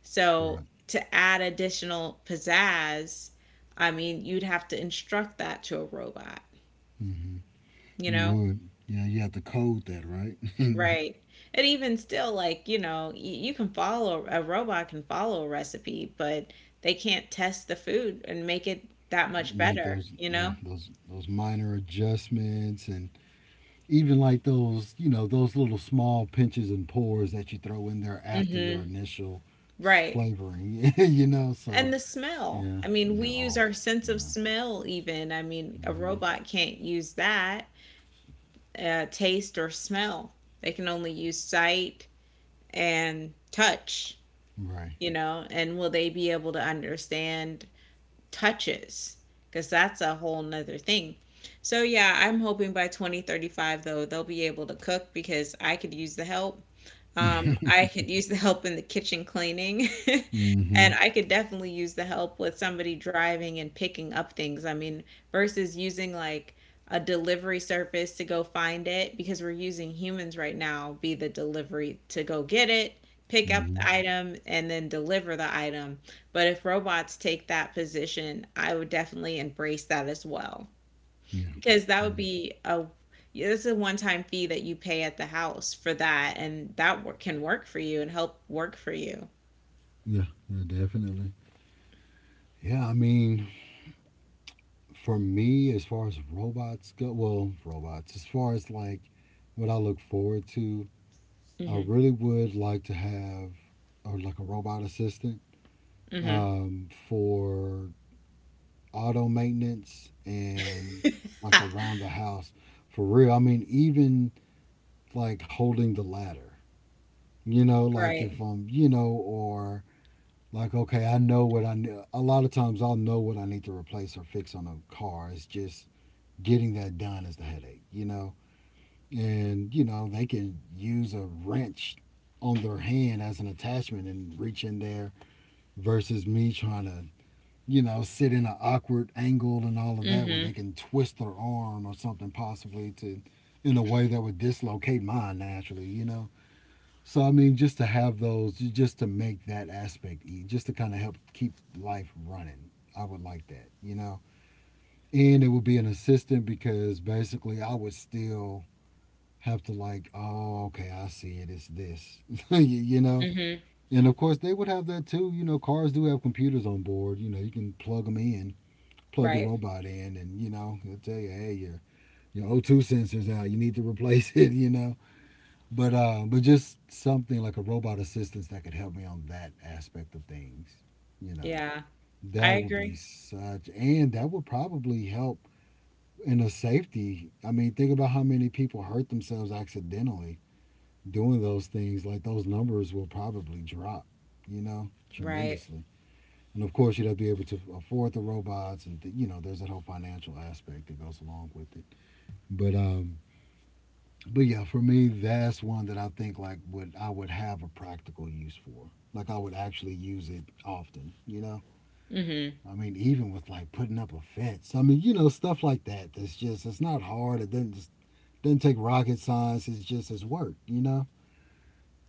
Speaker 1: so
Speaker 2: Right.
Speaker 1: to add additional pizzazz, I mean, you'd have to instruct that to a robot,
Speaker 2: Hmm.
Speaker 1: you
Speaker 2: You
Speaker 1: know?
Speaker 2: would. Yeah, you have to code that, right?
Speaker 1: Right. And even still, like, you know, you can follow, a robot can follow a recipe, but they can't test the food and make it that much
Speaker 2: Make
Speaker 1: better,
Speaker 2: those,
Speaker 1: you
Speaker 2: yeah,
Speaker 1: know?
Speaker 2: those minor adjustments, and even like those, you know, those little small pinches and pours that you throw in there after your
Speaker 1: Mm-hmm.
Speaker 2: initial
Speaker 1: Right.
Speaker 2: flavoring, you know,
Speaker 1: And
Speaker 2: so.
Speaker 1: the smell.
Speaker 2: Yeah,
Speaker 1: I mean, we
Speaker 2: yeah.
Speaker 1: use
Speaker 2: Oh,
Speaker 1: our sense of
Speaker 2: yeah.
Speaker 1: smell, even. I mean, a
Speaker 2: Hmm.
Speaker 1: robot can't use that, taste or smell. They can only use sight, and touch,
Speaker 2: Right.
Speaker 1: you know, and will they be able to understand touches? Because that's a whole nother thing. So, yeah, I'm hoping by 2035, though, they'll be able to cook because I could use the help. I could use the help in the kitchen cleaning,
Speaker 2: Mm-hmm.
Speaker 1: and I could definitely use the help with somebody driving and picking up things. I mean, versus using like a delivery service to go find it, because we're using humans right now, be the delivery to go get it, pick up
Speaker 2: Mm-hmm.
Speaker 1: the item, and then deliver the item. But if robots take that position, I would definitely embrace that as well,
Speaker 2: Yeah,
Speaker 1: because that would
Speaker 2: yeah,
Speaker 1: be a, it's a one-time fee that you pay at the house for that, and that work, can work for you and help work for you.
Speaker 2: yeah. Yeah, definitely. Yeah, I mean, for me, as far as robots go, well robots as far as like what I look forward to, I
Speaker 1: Mm-hmm
Speaker 2: really would like to have, or like, a robot assistant,
Speaker 1: mm-hmm
Speaker 2: for auto maintenance and like
Speaker 1: ha,
Speaker 2: around the house. For real. I mean, even like holding the ladder, you know, like
Speaker 1: right
Speaker 2: if I'm, you know, or like, okay, I know what I need. A lot of times I'll know what I need to replace or fix on a car. It's just, getting that done is the headache, you know? And, you know, they can use a wrench on their hand as an attachment and reach in there, versus me trying to, you know, sit in an awkward angle and all of that, where
Speaker 1: mm-hmm
Speaker 2: they can twist their arm or something possibly to, in a way that would dislocate mine naturally, you know. So I mean, just to have those, just to make that aspect, just to kind of help keep life running, I would like that, you know. And it would be an assistant, because basically I would still have to like, oh, okay, I see it, it's this, you know.
Speaker 1: mm-hmm
Speaker 2: And of course, they would have that too. You know, cars do have computers on board. You know, you can plug them in, plug the
Speaker 1: right.
Speaker 2: robot in, and you know, they will tell you, hey, your O two sensor's out, you need to replace it. You know, but just something like a robot assistance that could help me on that aspect of things. You know,
Speaker 1: Yeah. I
Speaker 2: that would be
Speaker 1: agree.
Speaker 2: such, and that would probably help in the safety. I mean, think about how many people hurt themselves accidentally doing those things. Like, those numbers will probably drop. You know,
Speaker 1: Right.
Speaker 2: tremendously. And of course you'd have to be able to afford the robots, and you know there's that whole financial aspect that goes along with it, but um but yeah, for me, that's one that I think like would, I would have a practical use for, like I would actually use it often, you know.
Speaker 1: mm-hmm
Speaker 2: I mean, even with like putting up a fence, I mean, you know, stuff like that, that's just, it's not hard, it doesn't just, doesn't take rocket science, it's just, it's work, you know.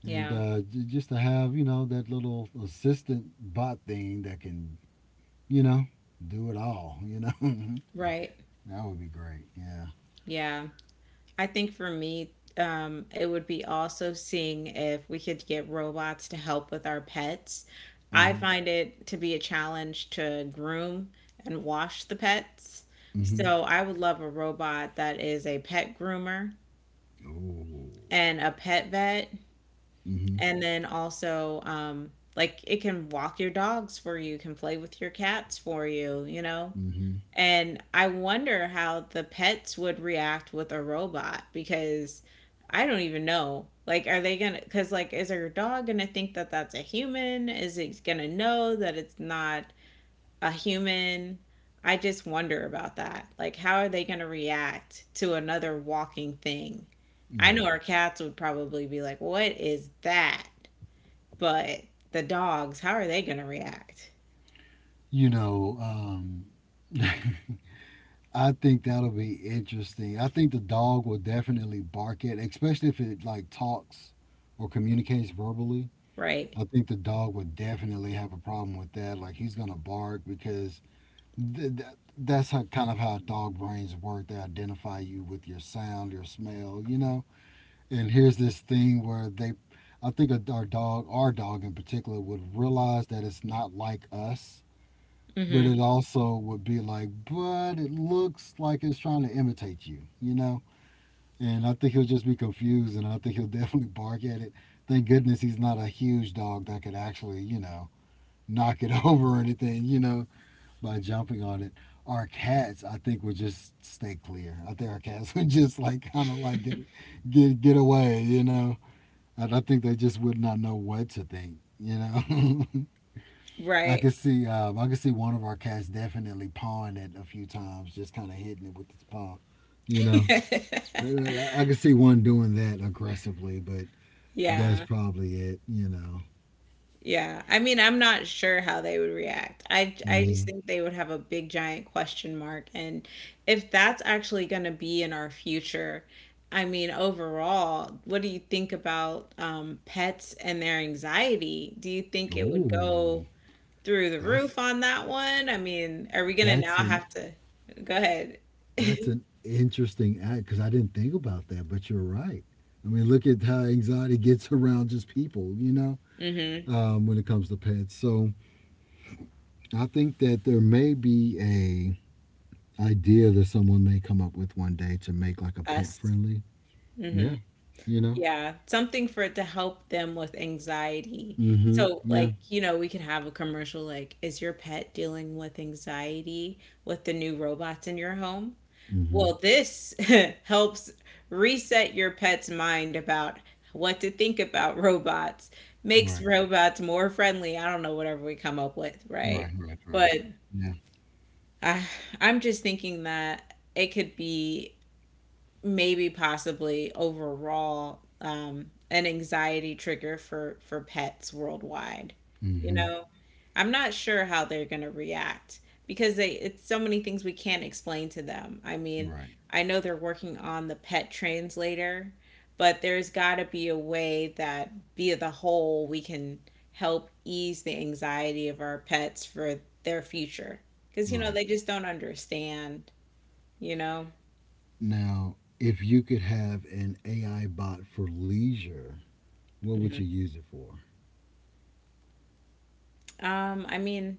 Speaker 2: And
Speaker 1: yeah.
Speaker 2: Just to have, you know, that little assistant bot thing that can, you know, do it all, you know.
Speaker 1: Right.
Speaker 2: That would be great. Yeah.
Speaker 1: Yeah. I think for me, it would be also seeing if we could get robots to help with our pets. I
Speaker 2: Mm-hmm.
Speaker 1: find it to be a challenge to groom and wash the pets.
Speaker 2: Mm-hmm.
Speaker 1: So I would love a robot that is a pet groomer
Speaker 2: Oh.
Speaker 1: and a pet vet.
Speaker 2: Mm-hmm.
Speaker 1: And then also, like, it can walk your dogs for you, can play with your cats for you, you know?
Speaker 2: Mm-hmm.
Speaker 1: And I wonder how the pets would react with a robot, because I don't even know. Like, are they gonna, because, like, is your dog gonna think that that's a human? Is it gonna know that it's not a human? I just wonder about that. Like, how are they gonna react to another walking thing? I know
Speaker 2: Right.
Speaker 1: our cats would probably be like, what is that? But the dogs, how are they gonna react?
Speaker 2: You know, I think that'll be interesting. I think the dog will definitely bark at, especially if it like talks or communicates verbally.
Speaker 1: Right.
Speaker 2: I think the dog would definitely have a problem with that. Like, he's gonna bark because th- th- that's how, kind of how dog brains work. They identify you with your sound, your smell, you know. And here's this thing where they, I think our dog, in particular, would realize that it's not like us, but
Speaker 1: hmm
Speaker 2: it also would be like, but it looks like it's trying to imitate you, you know. And I think he'll just be confused, and I think he'll definitely bark at it. Thank goodness he's not a huge dog that could actually, you know, knock it over or anything, you know, by jumping on it. Our cats, I think, would just stay clear. I think our cats would just like kind of like get away, you know. I think they just would not know what to think. You know,
Speaker 1: Right.
Speaker 2: I could see one of our cats definitely pawing it a few times, just kind of hitting it with its paw. You know, I- could see one doing that aggressively, but that's
Speaker 1: Yeah.
Speaker 2: probably it. You know.
Speaker 1: Yeah. I mean, I'm not sure how they would react. I
Speaker 2: hmm
Speaker 1: just think they would have a big giant question mark, and if that's actually going to be in our future, I mean, overall, what do you think about pets and their anxiety? Do you think it would go
Speaker 2: Ooh,
Speaker 1: through the
Speaker 2: that's
Speaker 1: roof on that one? I mean, are we going to
Speaker 2: that's
Speaker 1: now
Speaker 2: an
Speaker 1: have to, go ahead.
Speaker 2: that's an interesting act because I didn't think about that, but you're right. I mean, look at how anxiety gets around just people.
Speaker 1: Mhm.
Speaker 2: When it comes to pets. So I think that there may be a idea that someone may come up with one day to make like a pet
Speaker 1: Us.
Speaker 2: friendly.
Speaker 1: Mm-hmm.
Speaker 2: Yeah, you know.
Speaker 1: Yeah, something for it to help them with anxiety.
Speaker 2: Mm-hmm.
Speaker 1: So,
Speaker 2: Yeah.
Speaker 1: like, you know, we could have a commercial like, is your pet dealing with anxiety with the new robots in your home?
Speaker 2: Mm-hmm.
Speaker 1: Well, this helps reset your pet's mind about what to think about robots, makes
Speaker 2: Right.
Speaker 1: robots more friendly. I don't know, whatever we come up with, right?
Speaker 2: Right. Right. Right.
Speaker 1: But
Speaker 2: Yeah.
Speaker 1: I, I'm just thinking that it could be maybe possibly overall, an anxiety trigger for pets worldwide. You
Speaker 2: Mm-hmm.
Speaker 1: know, I'm not sure how they're going to react, because they, it's so many things we can't explain to them. I mean,
Speaker 2: Right.
Speaker 1: I know they're working on the pet translator, but there's got to be a way that via the whole we can help ease the anxiety of our pets for their future, because you know
Speaker 2: Right.
Speaker 1: they just don't understand, you know.
Speaker 2: Now, if you could have an AI bot for leisure, what would you use it for?
Speaker 1: I mean,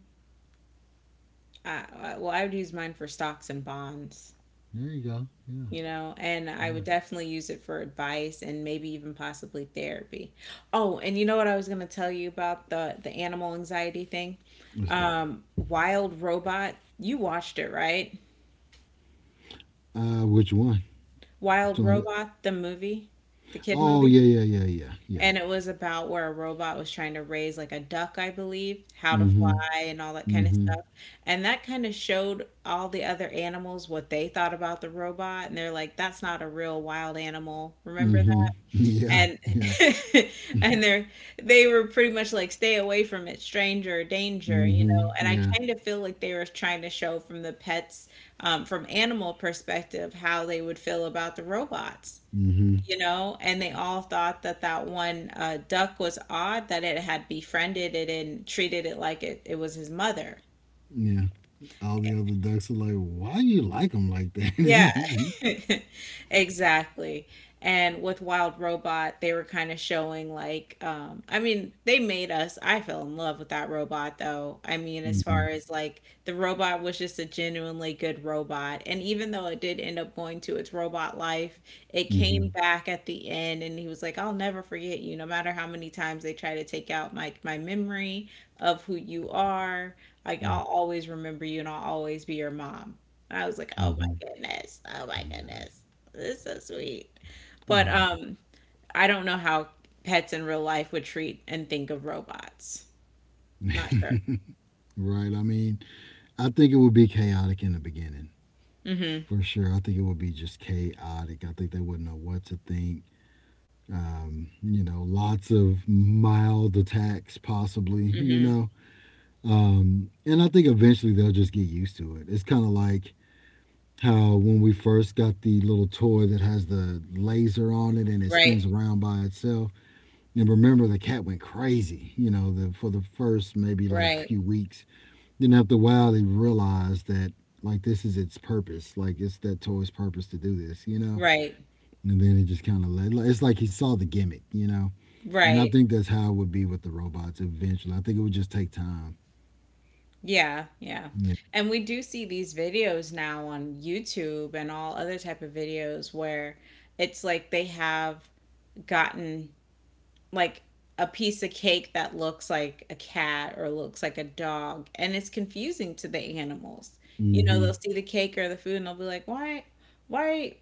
Speaker 1: I would use mine for stocks and bonds,
Speaker 2: There you go. Yeah.
Speaker 1: you know, and I
Speaker 2: Yeah.
Speaker 1: would definitely use it for advice and maybe even possibly therapy. Oh, and you know what I was going to tell you about the animal anxiety thing?
Speaker 2: What's that?
Speaker 1: Wild Robot, you watched it, right?
Speaker 2: Which one?
Speaker 1: Wild
Speaker 2: Doing
Speaker 1: Robot, the movie, the kid
Speaker 2: Oh,
Speaker 1: movie.
Speaker 2: yeah. Yeah. Yeah. Yeah. Yeah.
Speaker 1: And it was about where a robot was trying to raise like a duck, I believe, how to
Speaker 2: Mm-hmm.
Speaker 1: fly and all that kind of
Speaker 2: Mm-hmm.
Speaker 1: stuff. And that kind of showed all the other animals what they thought about the robot, and they're like, "That's not a real wild animal." Remember
Speaker 2: Mm-hmm.
Speaker 1: that?
Speaker 2: Yeah. Yeah.
Speaker 1: And and they're they were pretty much like, "Stay away from it, stranger, danger," you
Speaker 2: hmm
Speaker 1: know. And I
Speaker 2: Yeah.
Speaker 1: kind of feel like they were trying to show from the pets, from animal perspective, how they would feel about the robots
Speaker 2: hmm
Speaker 1: you know, and they all thought that that one duck was odd that it had befriended it and treated it like it was his mother.
Speaker 2: Yeah. All the other ducks are like, why you like them like that?
Speaker 1: Yeah, exactly. And with Wild Robot, they were kind of showing like, I mean, they made us. I fell in love with that robot, though. I mean, as far
Speaker 2: hmm
Speaker 1: as like the robot was just a genuinely good robot, and even though it did end up going to its robot life, it came
Speaker 2: hmm
Speaker 1: back at the end, and he was like, "I'll never forget you, no matter how many times they try to take out my memory of who you are. Like,
Speaker 2: hmm
Speaker 1: I'll always remember you, and I'll always be your mom." I was like, "Oh my goodness. Oh my goodness. This is so sweet." But I don't know how pets in real life would treat and think of robots. Not sure.
Speaker 2: right. I mean, I think it would be chaotic in the beginning for sure. I think it would be just chaotic. I think they wouldn't know what to think. You know, lots of mild attacks, possibly, you know. And I think eventually they'll just get used to it. It's kind of like how when we first got the little toy that has the laser on it and it
Speaker 1: Right.
Speaker 2: spins around by itself. And remember, the cat went crazy, for the first maybe like
Speaker 1: Right.
Speaker 2: few weeks. Then after a while, he realized that like this is its purpose, like it's that toy's purpose to do this, you know.
Speaker 1: Right.
Speaker 2: And then it just kind of led. It's like he saw the gimmick, you know. And I
Speaker 1: Right.
Speaker 2: think that's how it would be with the robots eventually. I think it would just take time.
Speaker 1: Yeah, yeah.
Speaker 2: Yeah.
Speaker 1: And we do see these videos now on YouTube and all other type of videos where it's like they have gotten like a piece of cake that looks like a cat or looks like a dog and it's confusing to the animals.
Speaker 2: Mm-hmm.
Speaker 1: They'll see the cake or the food and they'll be like, why, why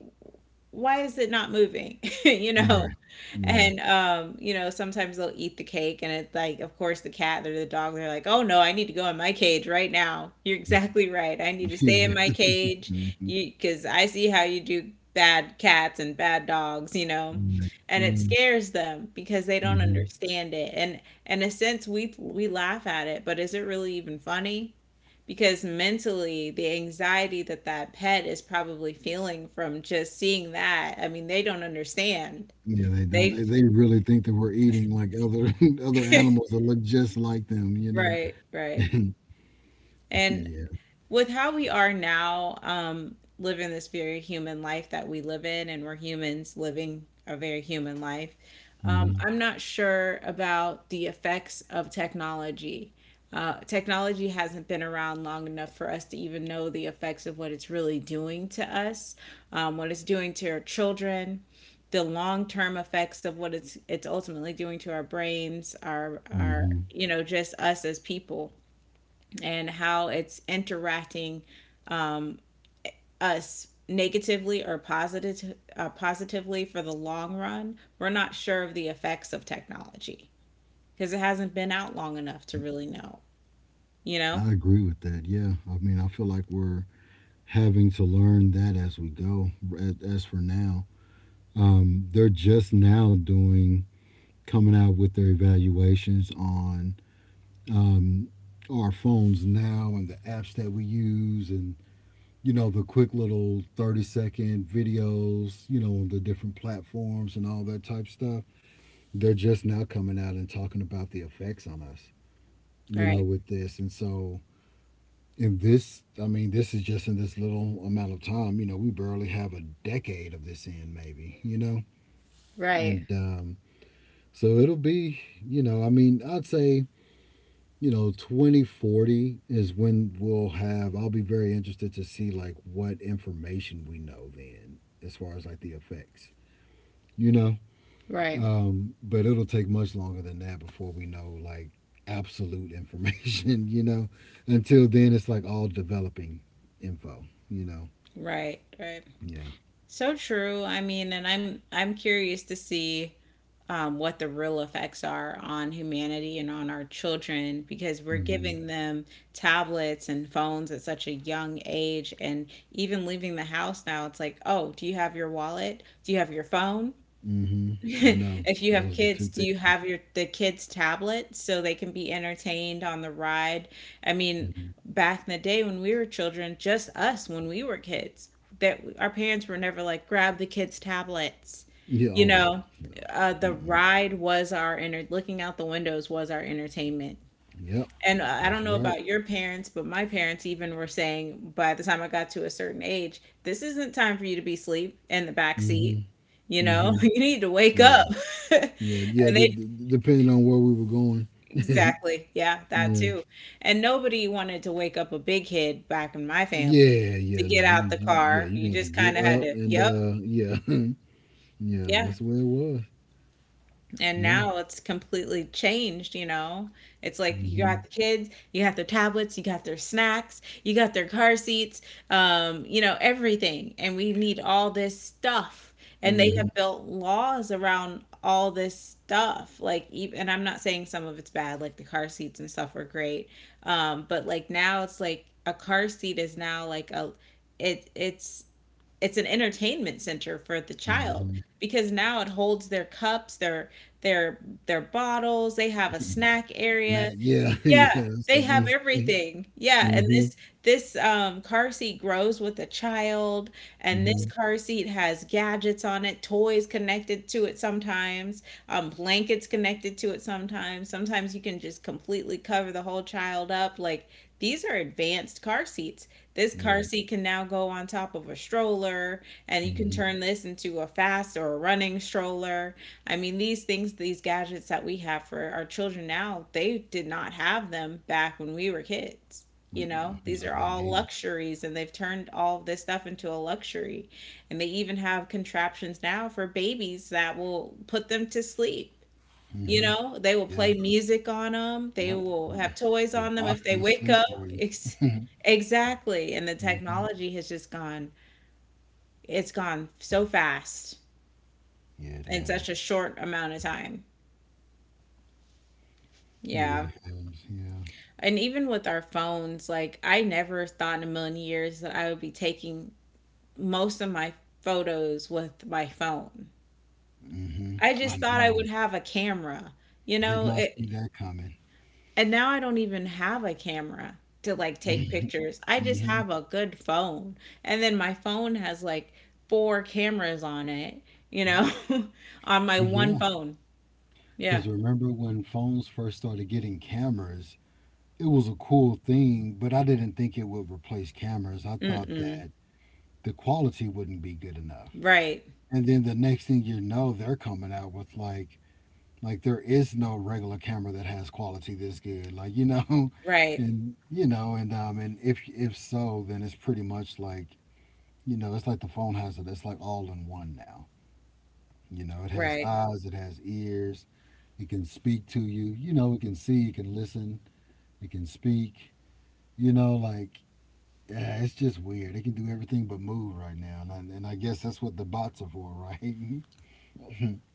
Speaker 1: why is it not moving? You know?
Speaker 2: Right. Right.
Speaker 1: And you know, sometimes they'll eat the cake and it's like, of course, the cat or the dog, they're like, "Oh no, I need to go in my cage right now. You're exactly right. I need to stay in
Speaker 2: yeah.
Speaker 1: my cage.
Speaker 2: Mm-hmm.
Speaker 1: You because I see how you do bad cats and bad dogs, you know."
Speaker 2: Right.
Speaker 1: And it
Speaker 2: Right.
Speaker 1: scares them because they don't
Speaker 2: Mhm.
Speaker 1: understand it. And in a sense we laugh at it, but is it really even funny? Because mentally the anxiety that that pet is probably feeling from just seeing that, I mean, they don't understand.
Speaker 2: Yeah, they don't.
Speaker 1: they
Speaker 2: They really think that we're eating like other other animals that look just like them, you know.
Speaker 1: right right and
Speaker 2: yeah.
Speaker 1: with how we are now, living this very human life that we live in, and we're humans living a very human life,
Speaker 2: hmm
Speaker 1: I'm not sure about the effects of technology. Technology hasn't been around long enough for us to even know the effects of what it's really doing to us, what it's doing to our children, the long term effects of what it's ultimately doing to our brains, our
Speaker 2: hmm
Speaker 1: you know just us as people, and how it's interacting us negatively or positively for the long run, we're not sure of the effects of technology because it hasn't been out long enough to really know. You know?
Speaker 2: I agree with that. Yeah. I mean, I feel like we're having to learn that as we go. As for now, they're just now doing coming out with their evaluations on um, our phones now and the apps that we use and. You know, the quick little 30-second videos, you know, on the different platforms and all that type stuff. They're just now coming out and talking about the effects on us,
Speaker 1: All
Speaker 2: you know,
Speaker 1: right.
Speaker 2: with this. And so, in this, I mean, this is just in this little amount of time, you know, we barely have a decade of this in, maybe, you know? And
Speaker 1: Right.
Speaker 2: so it'll be, you know, I mean, I'd say you know 2040 is when we'll have I'll be very interested to see like what information we know then as far as like the effects, you know.
Speaker 1: Right.
Speaker 2: But it'll take much longer than that before we know like absolute information you know, until then it's like all developing info, you know.
Speaker 1: Right. Right.
Speaker 2: Yeah.
Speaker 1: So true. I mean, and I'm curious to see what the real effects are on humanity and on our children because we're
Speaker 2: Mm-hmm.
Speaker 1: giving them tablets and phones at such a young age, and even leaving the house now, it's like, oh, do you have your wallet? Do you have your phone?
Speaker 2: Mm-hmm. I know.
Speaker 1: If you have
Speaker 2: Those are the two
Speaker 1: kids, do
Speaker 2: things.
Speaker 1: you have your the kids' tablets so they can be entertained on the ride? I mean,
Speaker 2: Hmm
Speaker 1: back in the day when we were children, just us when we were kids, that our parents were never like, grab the kids' tablets.
Speaker 2: Yeah.
Speaker 1: You
Speaker 2: Oh, no.
Speaker 1: know,
Speaker 2: No.
Speaker 1: the
Speaker 2: Mm-mm.
Speaker 1: ride was our enter looking out the windows was our entertainment.
Speaker 2: Yep.
Speaker 1: And I don't
Speaker 2: That's
Speaker 1: know
Speaker 2: right.
Speaker 1: about your parents, but my parents even were saying by the time I got to a certain age, this isn't time for you to be asleep in the back seat.
Speaker 2: Mm-hmm.
Speaker 1: You know,
Speaker 2: Mm-hmm.
Speaker 1: you need to wake up.
Speaker 2: Yeah. Yeah, yeah.
Speaker 1: And they
Speaker 2: Depending on where we were going, yeah,
Speaker 1: exactly, yeah, that too. And nobody wanted to wake up a big kid back in my family
Speaker 2: yeah,
Speaker 1: to
Speaker 2: yeah.
Speaker 1: get
Speaker 2: No,
Speaker 1: out the
Speaker 2: yeah,
Speaker 1: car.
Speaker 2: you
Speaker 1: You
Speaker 2: gonna have to
Speaker 1: just kind
Speaker 2: get
Speaker 1: of had
Speaker 2: up
Speaker 1: to,
Speaker 2: and
Speaker 1: yep,
Speaker 2: yeah, yeah.
Speaker 1: yeah.
Speaker 2: That's the way it was.
Speaker 1: And
Speaker 2: Yeah.
Speaker 1: now it's completely changed, you know? It's like you
Speaker 2: Mm-hmm.
Speaker 1: got the kids, you got their tablets, you got their snacks, you got their car seats, you know, everything. And we need all this stuff. And they
Speaker 2: Mm-hmm.
Speaker 1: have built laws around all this stuff. Like, and I'm not saying some of it's bad, like the car seats and stuff were great. But like now it's like a car seat is now like a, it, it's, it's an entertainment center for the child
Speaker 2: Mm-hmm.
Speaker 1: because now it holds their cups, their their bottles, they have a snack
Speaker 2: Snack.
Speaker 1: area.
Speaker 2: Yeah,
Speaker 1: Yeah,
Speaker 2: yeah. That's what I
Speaker 1: they
Speaker 2: was
Speaker 1: have
Speaker 2: gonna say.
Speaker 1: everything. Yeah, and
Speaker 2: Mm-hmm.
Speaker 1: this car seat grows with the child, and this
Speaker 2: Mm-hmm.
Speaker 1: car seat has gadgets on it, toys connected to it sometimes, blankets connected to it sometimes. Sometimes you can just completely cover the whole child up. Like these are advanced car seats. This car
Speaker 2: Right.
Speaker 1: seat can now go on top of a stroller, and you can
Speaker 2: Mm-hmm.
Speaker 1: turn this into a fast or a running stroller. I mean, these things, these gadgets that we have for our children now, they did not have them back when we were kids. You know,
Speaker 2: Mm-mm.
Speaker 1: these
Speaker 2: No,
Speaker 1: are
Speaker 2: they
Speaker 1: all
Speaker 2: didn't.
Speaker 1: luxuries, and they've turned all of this stuff into a luxury. And they even have contraptions now for babies that will put them to sleep. You
Speaker 2: Mm-hmm.
Speaker 1: know, they will
Speaker 2: Yeah.
Speaker 1: play music on them. They
Speaker 2: Yep.
Speaker 1: will have toys
Speaker 2: They're
Speaker 1: on them if they
Speaker 2: rocking the
Speaker 1: wake
Speaker 2: sleep for
Speaker 1: up.
Speaker 2: you.
Speaker 1: Ex- exactly. And the
Speaker 2: Mm-hmm.
Speaker 1: technology has just gone, it's gone so fast
Speaker 2: Yeah, it
Speaker 1: in such
Speaker 2: has.
Speaker 1: a short amount of time.
Speaker 2: It
Speaker 1: Yeah.
Speaker 2: really has. Yeah.
Speaker 1: And even with our phones, like I never thought in a million years that I would be taking most of my photos with my phone.
Speaker 2: Mm-hmm.
Speaker 1: I just
Speaker 2: I
Speaker 1: thought I
Speaker 2: know.
Speaker 1: would have a camera. You
Speaker 2: Did
Speaker 1: know,
Speaker 2: not see
Speaker 1: it,
Speaker 2: that coming.
Speaker 1: and now I don't even have a camera to like take pictures. I just
Speaker 2: hmm
Speaker 1: have a good phone. And then my phone has like four cameras on it, you
Speaker 2: Yep.
Speaker 1: know, on my
Speaker 2: Well,
Speaker 1: one
Speaker 2: yeah,
Speaker 1: phone. Yeah.
Speaker 2: because remember when phones first started getting cameras, it was a cool thing, but I didn't think it would replace cameras. I thought
Speaker 1: Mm-mm.
Speaker 2: that the quality wouldn't be good enough.
Speaker 1: Right.
Speaker 2: And then the next thing you know, they're coming out with like there is no regular camera that has quality this good. Like, you know,
Speaker 1: Right.
Speaker 2: and you know, and if so, then it's pretty much like, you know, it's like the phone has it. It's like all in one now. You know, it has
Speaker 1: Right.
Speaker 2: eyes, it has ears, it can speak to you. You know, it can see, it can listen, it can speak. You know, like yeah, it's just weird. It can do everything but move right now, and I guess that's what the bots are for, right? yeah,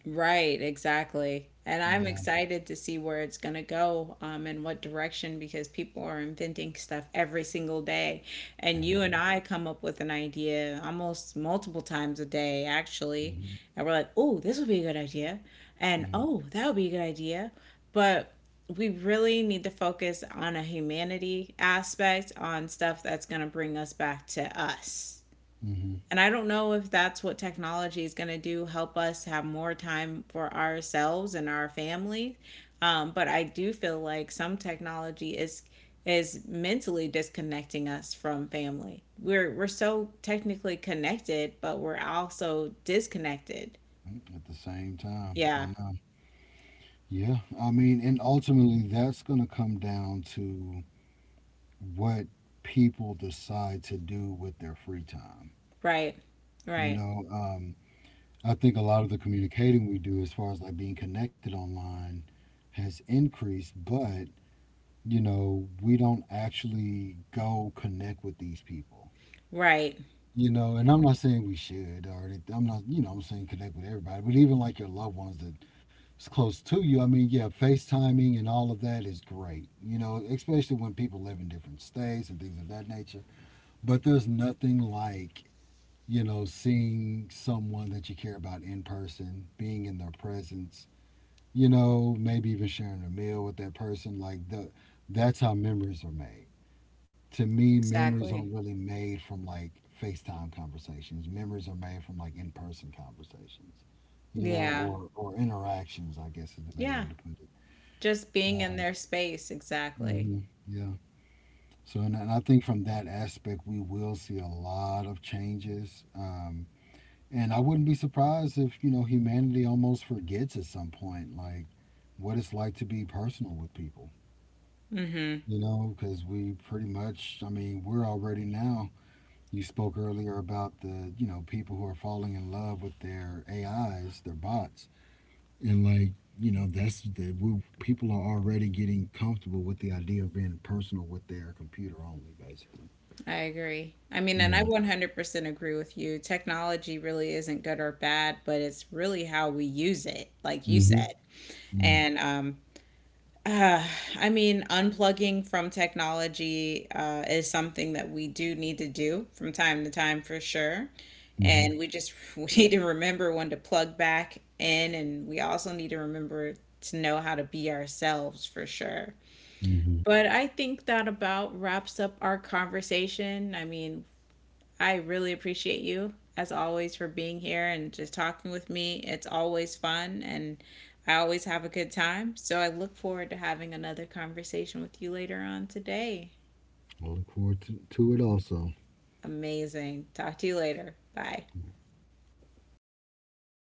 Speaker 1: Right, exactly. And I'm excited to see where it's going to go, and what direction because people are inventing stuff every single day. And you and
Speaker 2: everything.
Speaker 1: I come up with an idea almost multiple times a day, actually.
Speaker 2: Mm-hmm.
Speaker 1: And we're like, oh, this would be a good idea. And
Speaker 2: Yeah.
Speaker 1: oh, that would be a good idea. But we really need to focus on a humanity aspect, on stuff that's going to bring us back to us.
Speaker 2: Mm-hmm.
Speaker 1: And I don't know if that's what technology is going to do, help us have more time for ourselves and our family. But I do feel like some technology is mentally disconnecting us from family. We're so technically connected, but we're also disconnected.
Speaker 2: mm, At the same time, I
Speaker 1: Yeah.
Speaker 2: know. Yeah, I mean, and ultimately, that's going to come down to what people decide to do with their free time.
Speaker 1: Right.
Speaker 2: You
Speaker 1: Right.
Speaker 2: know, I think a lot of the communicating we do as far as like being connected online has increased, but you know, we don't actually go connect with these people.
Speaker 1: Right.
Speaker 2: You know, and I'm not saying we should I'm not, you know, I'm saying connect with everybody, but even like your loved ones that is close to you. I mean, yeah, FaceTiming and all of that is great, you know, especially when people live in different states and things of that nature. But there's nothing like you know, seeing someone that you care about in person, being in their presence, you know, maybe even sharing a meal with that person, like the that's how memories are made. To me, memories
Speaker 1: Exactly.
Speaker 2: aren't really made from like FaceTime conversations. Memories are made from like in-person conversations, you know,
Speaker 1: Yeah.
Speaker 2: or interactions, I guess is the better
Speaker 1: Yeah.
Speaker 2: way to put it.
Speaker 1: Just being in
Speaker 2: Um,
Speaker 1: their space, exactly.
Speaker 2: mhm, yeah. So, and I think from that aspect, we will see a lot of changes. And I wouldn't be surprised if, you know, humanity almost forgets at some point, like what it's like to be personal with people,
Speaker 1: Mm-hmm.
Speaker 2: you know, because we pretty much, I mean, we're already now. You spoke earlier about you know, people who are falling in love with their AIs, their bots. And like, you know, that's people are already getting comfortable with the idea of being personal with their computer only, basically.
Speaker 1: I agree. I mean, and I
Speaker 2: Yeah.
Speaker 1: 100% agree with you. Technology really isn't good or bad, but it's really how we use it, like you
Speaker 2: Mm hmm.
Speaker 1: said.
Speaker 2: Yeah.
Speaker 1: And uh, I mean, unplugging from technology is something that we do need to do from time to time for sure.
Speaker 2: Mm hmm.
Speaker 1: And we just we need to remember when to plug back in, and we also need to remember to know how to be ourselves for sure.
Speaker 2: Mm hmm.
Speaker 1: But I think that about wraps up our conversation. I mean, I really appreciate you, as always, for being here and just talking with me. It's always fun, and I always have a good time. So I look forward to having another conversation with you later on today.
Speaker 2: I look forward to it also.
Speaker 1: Amazing. Talk to you later. Bye.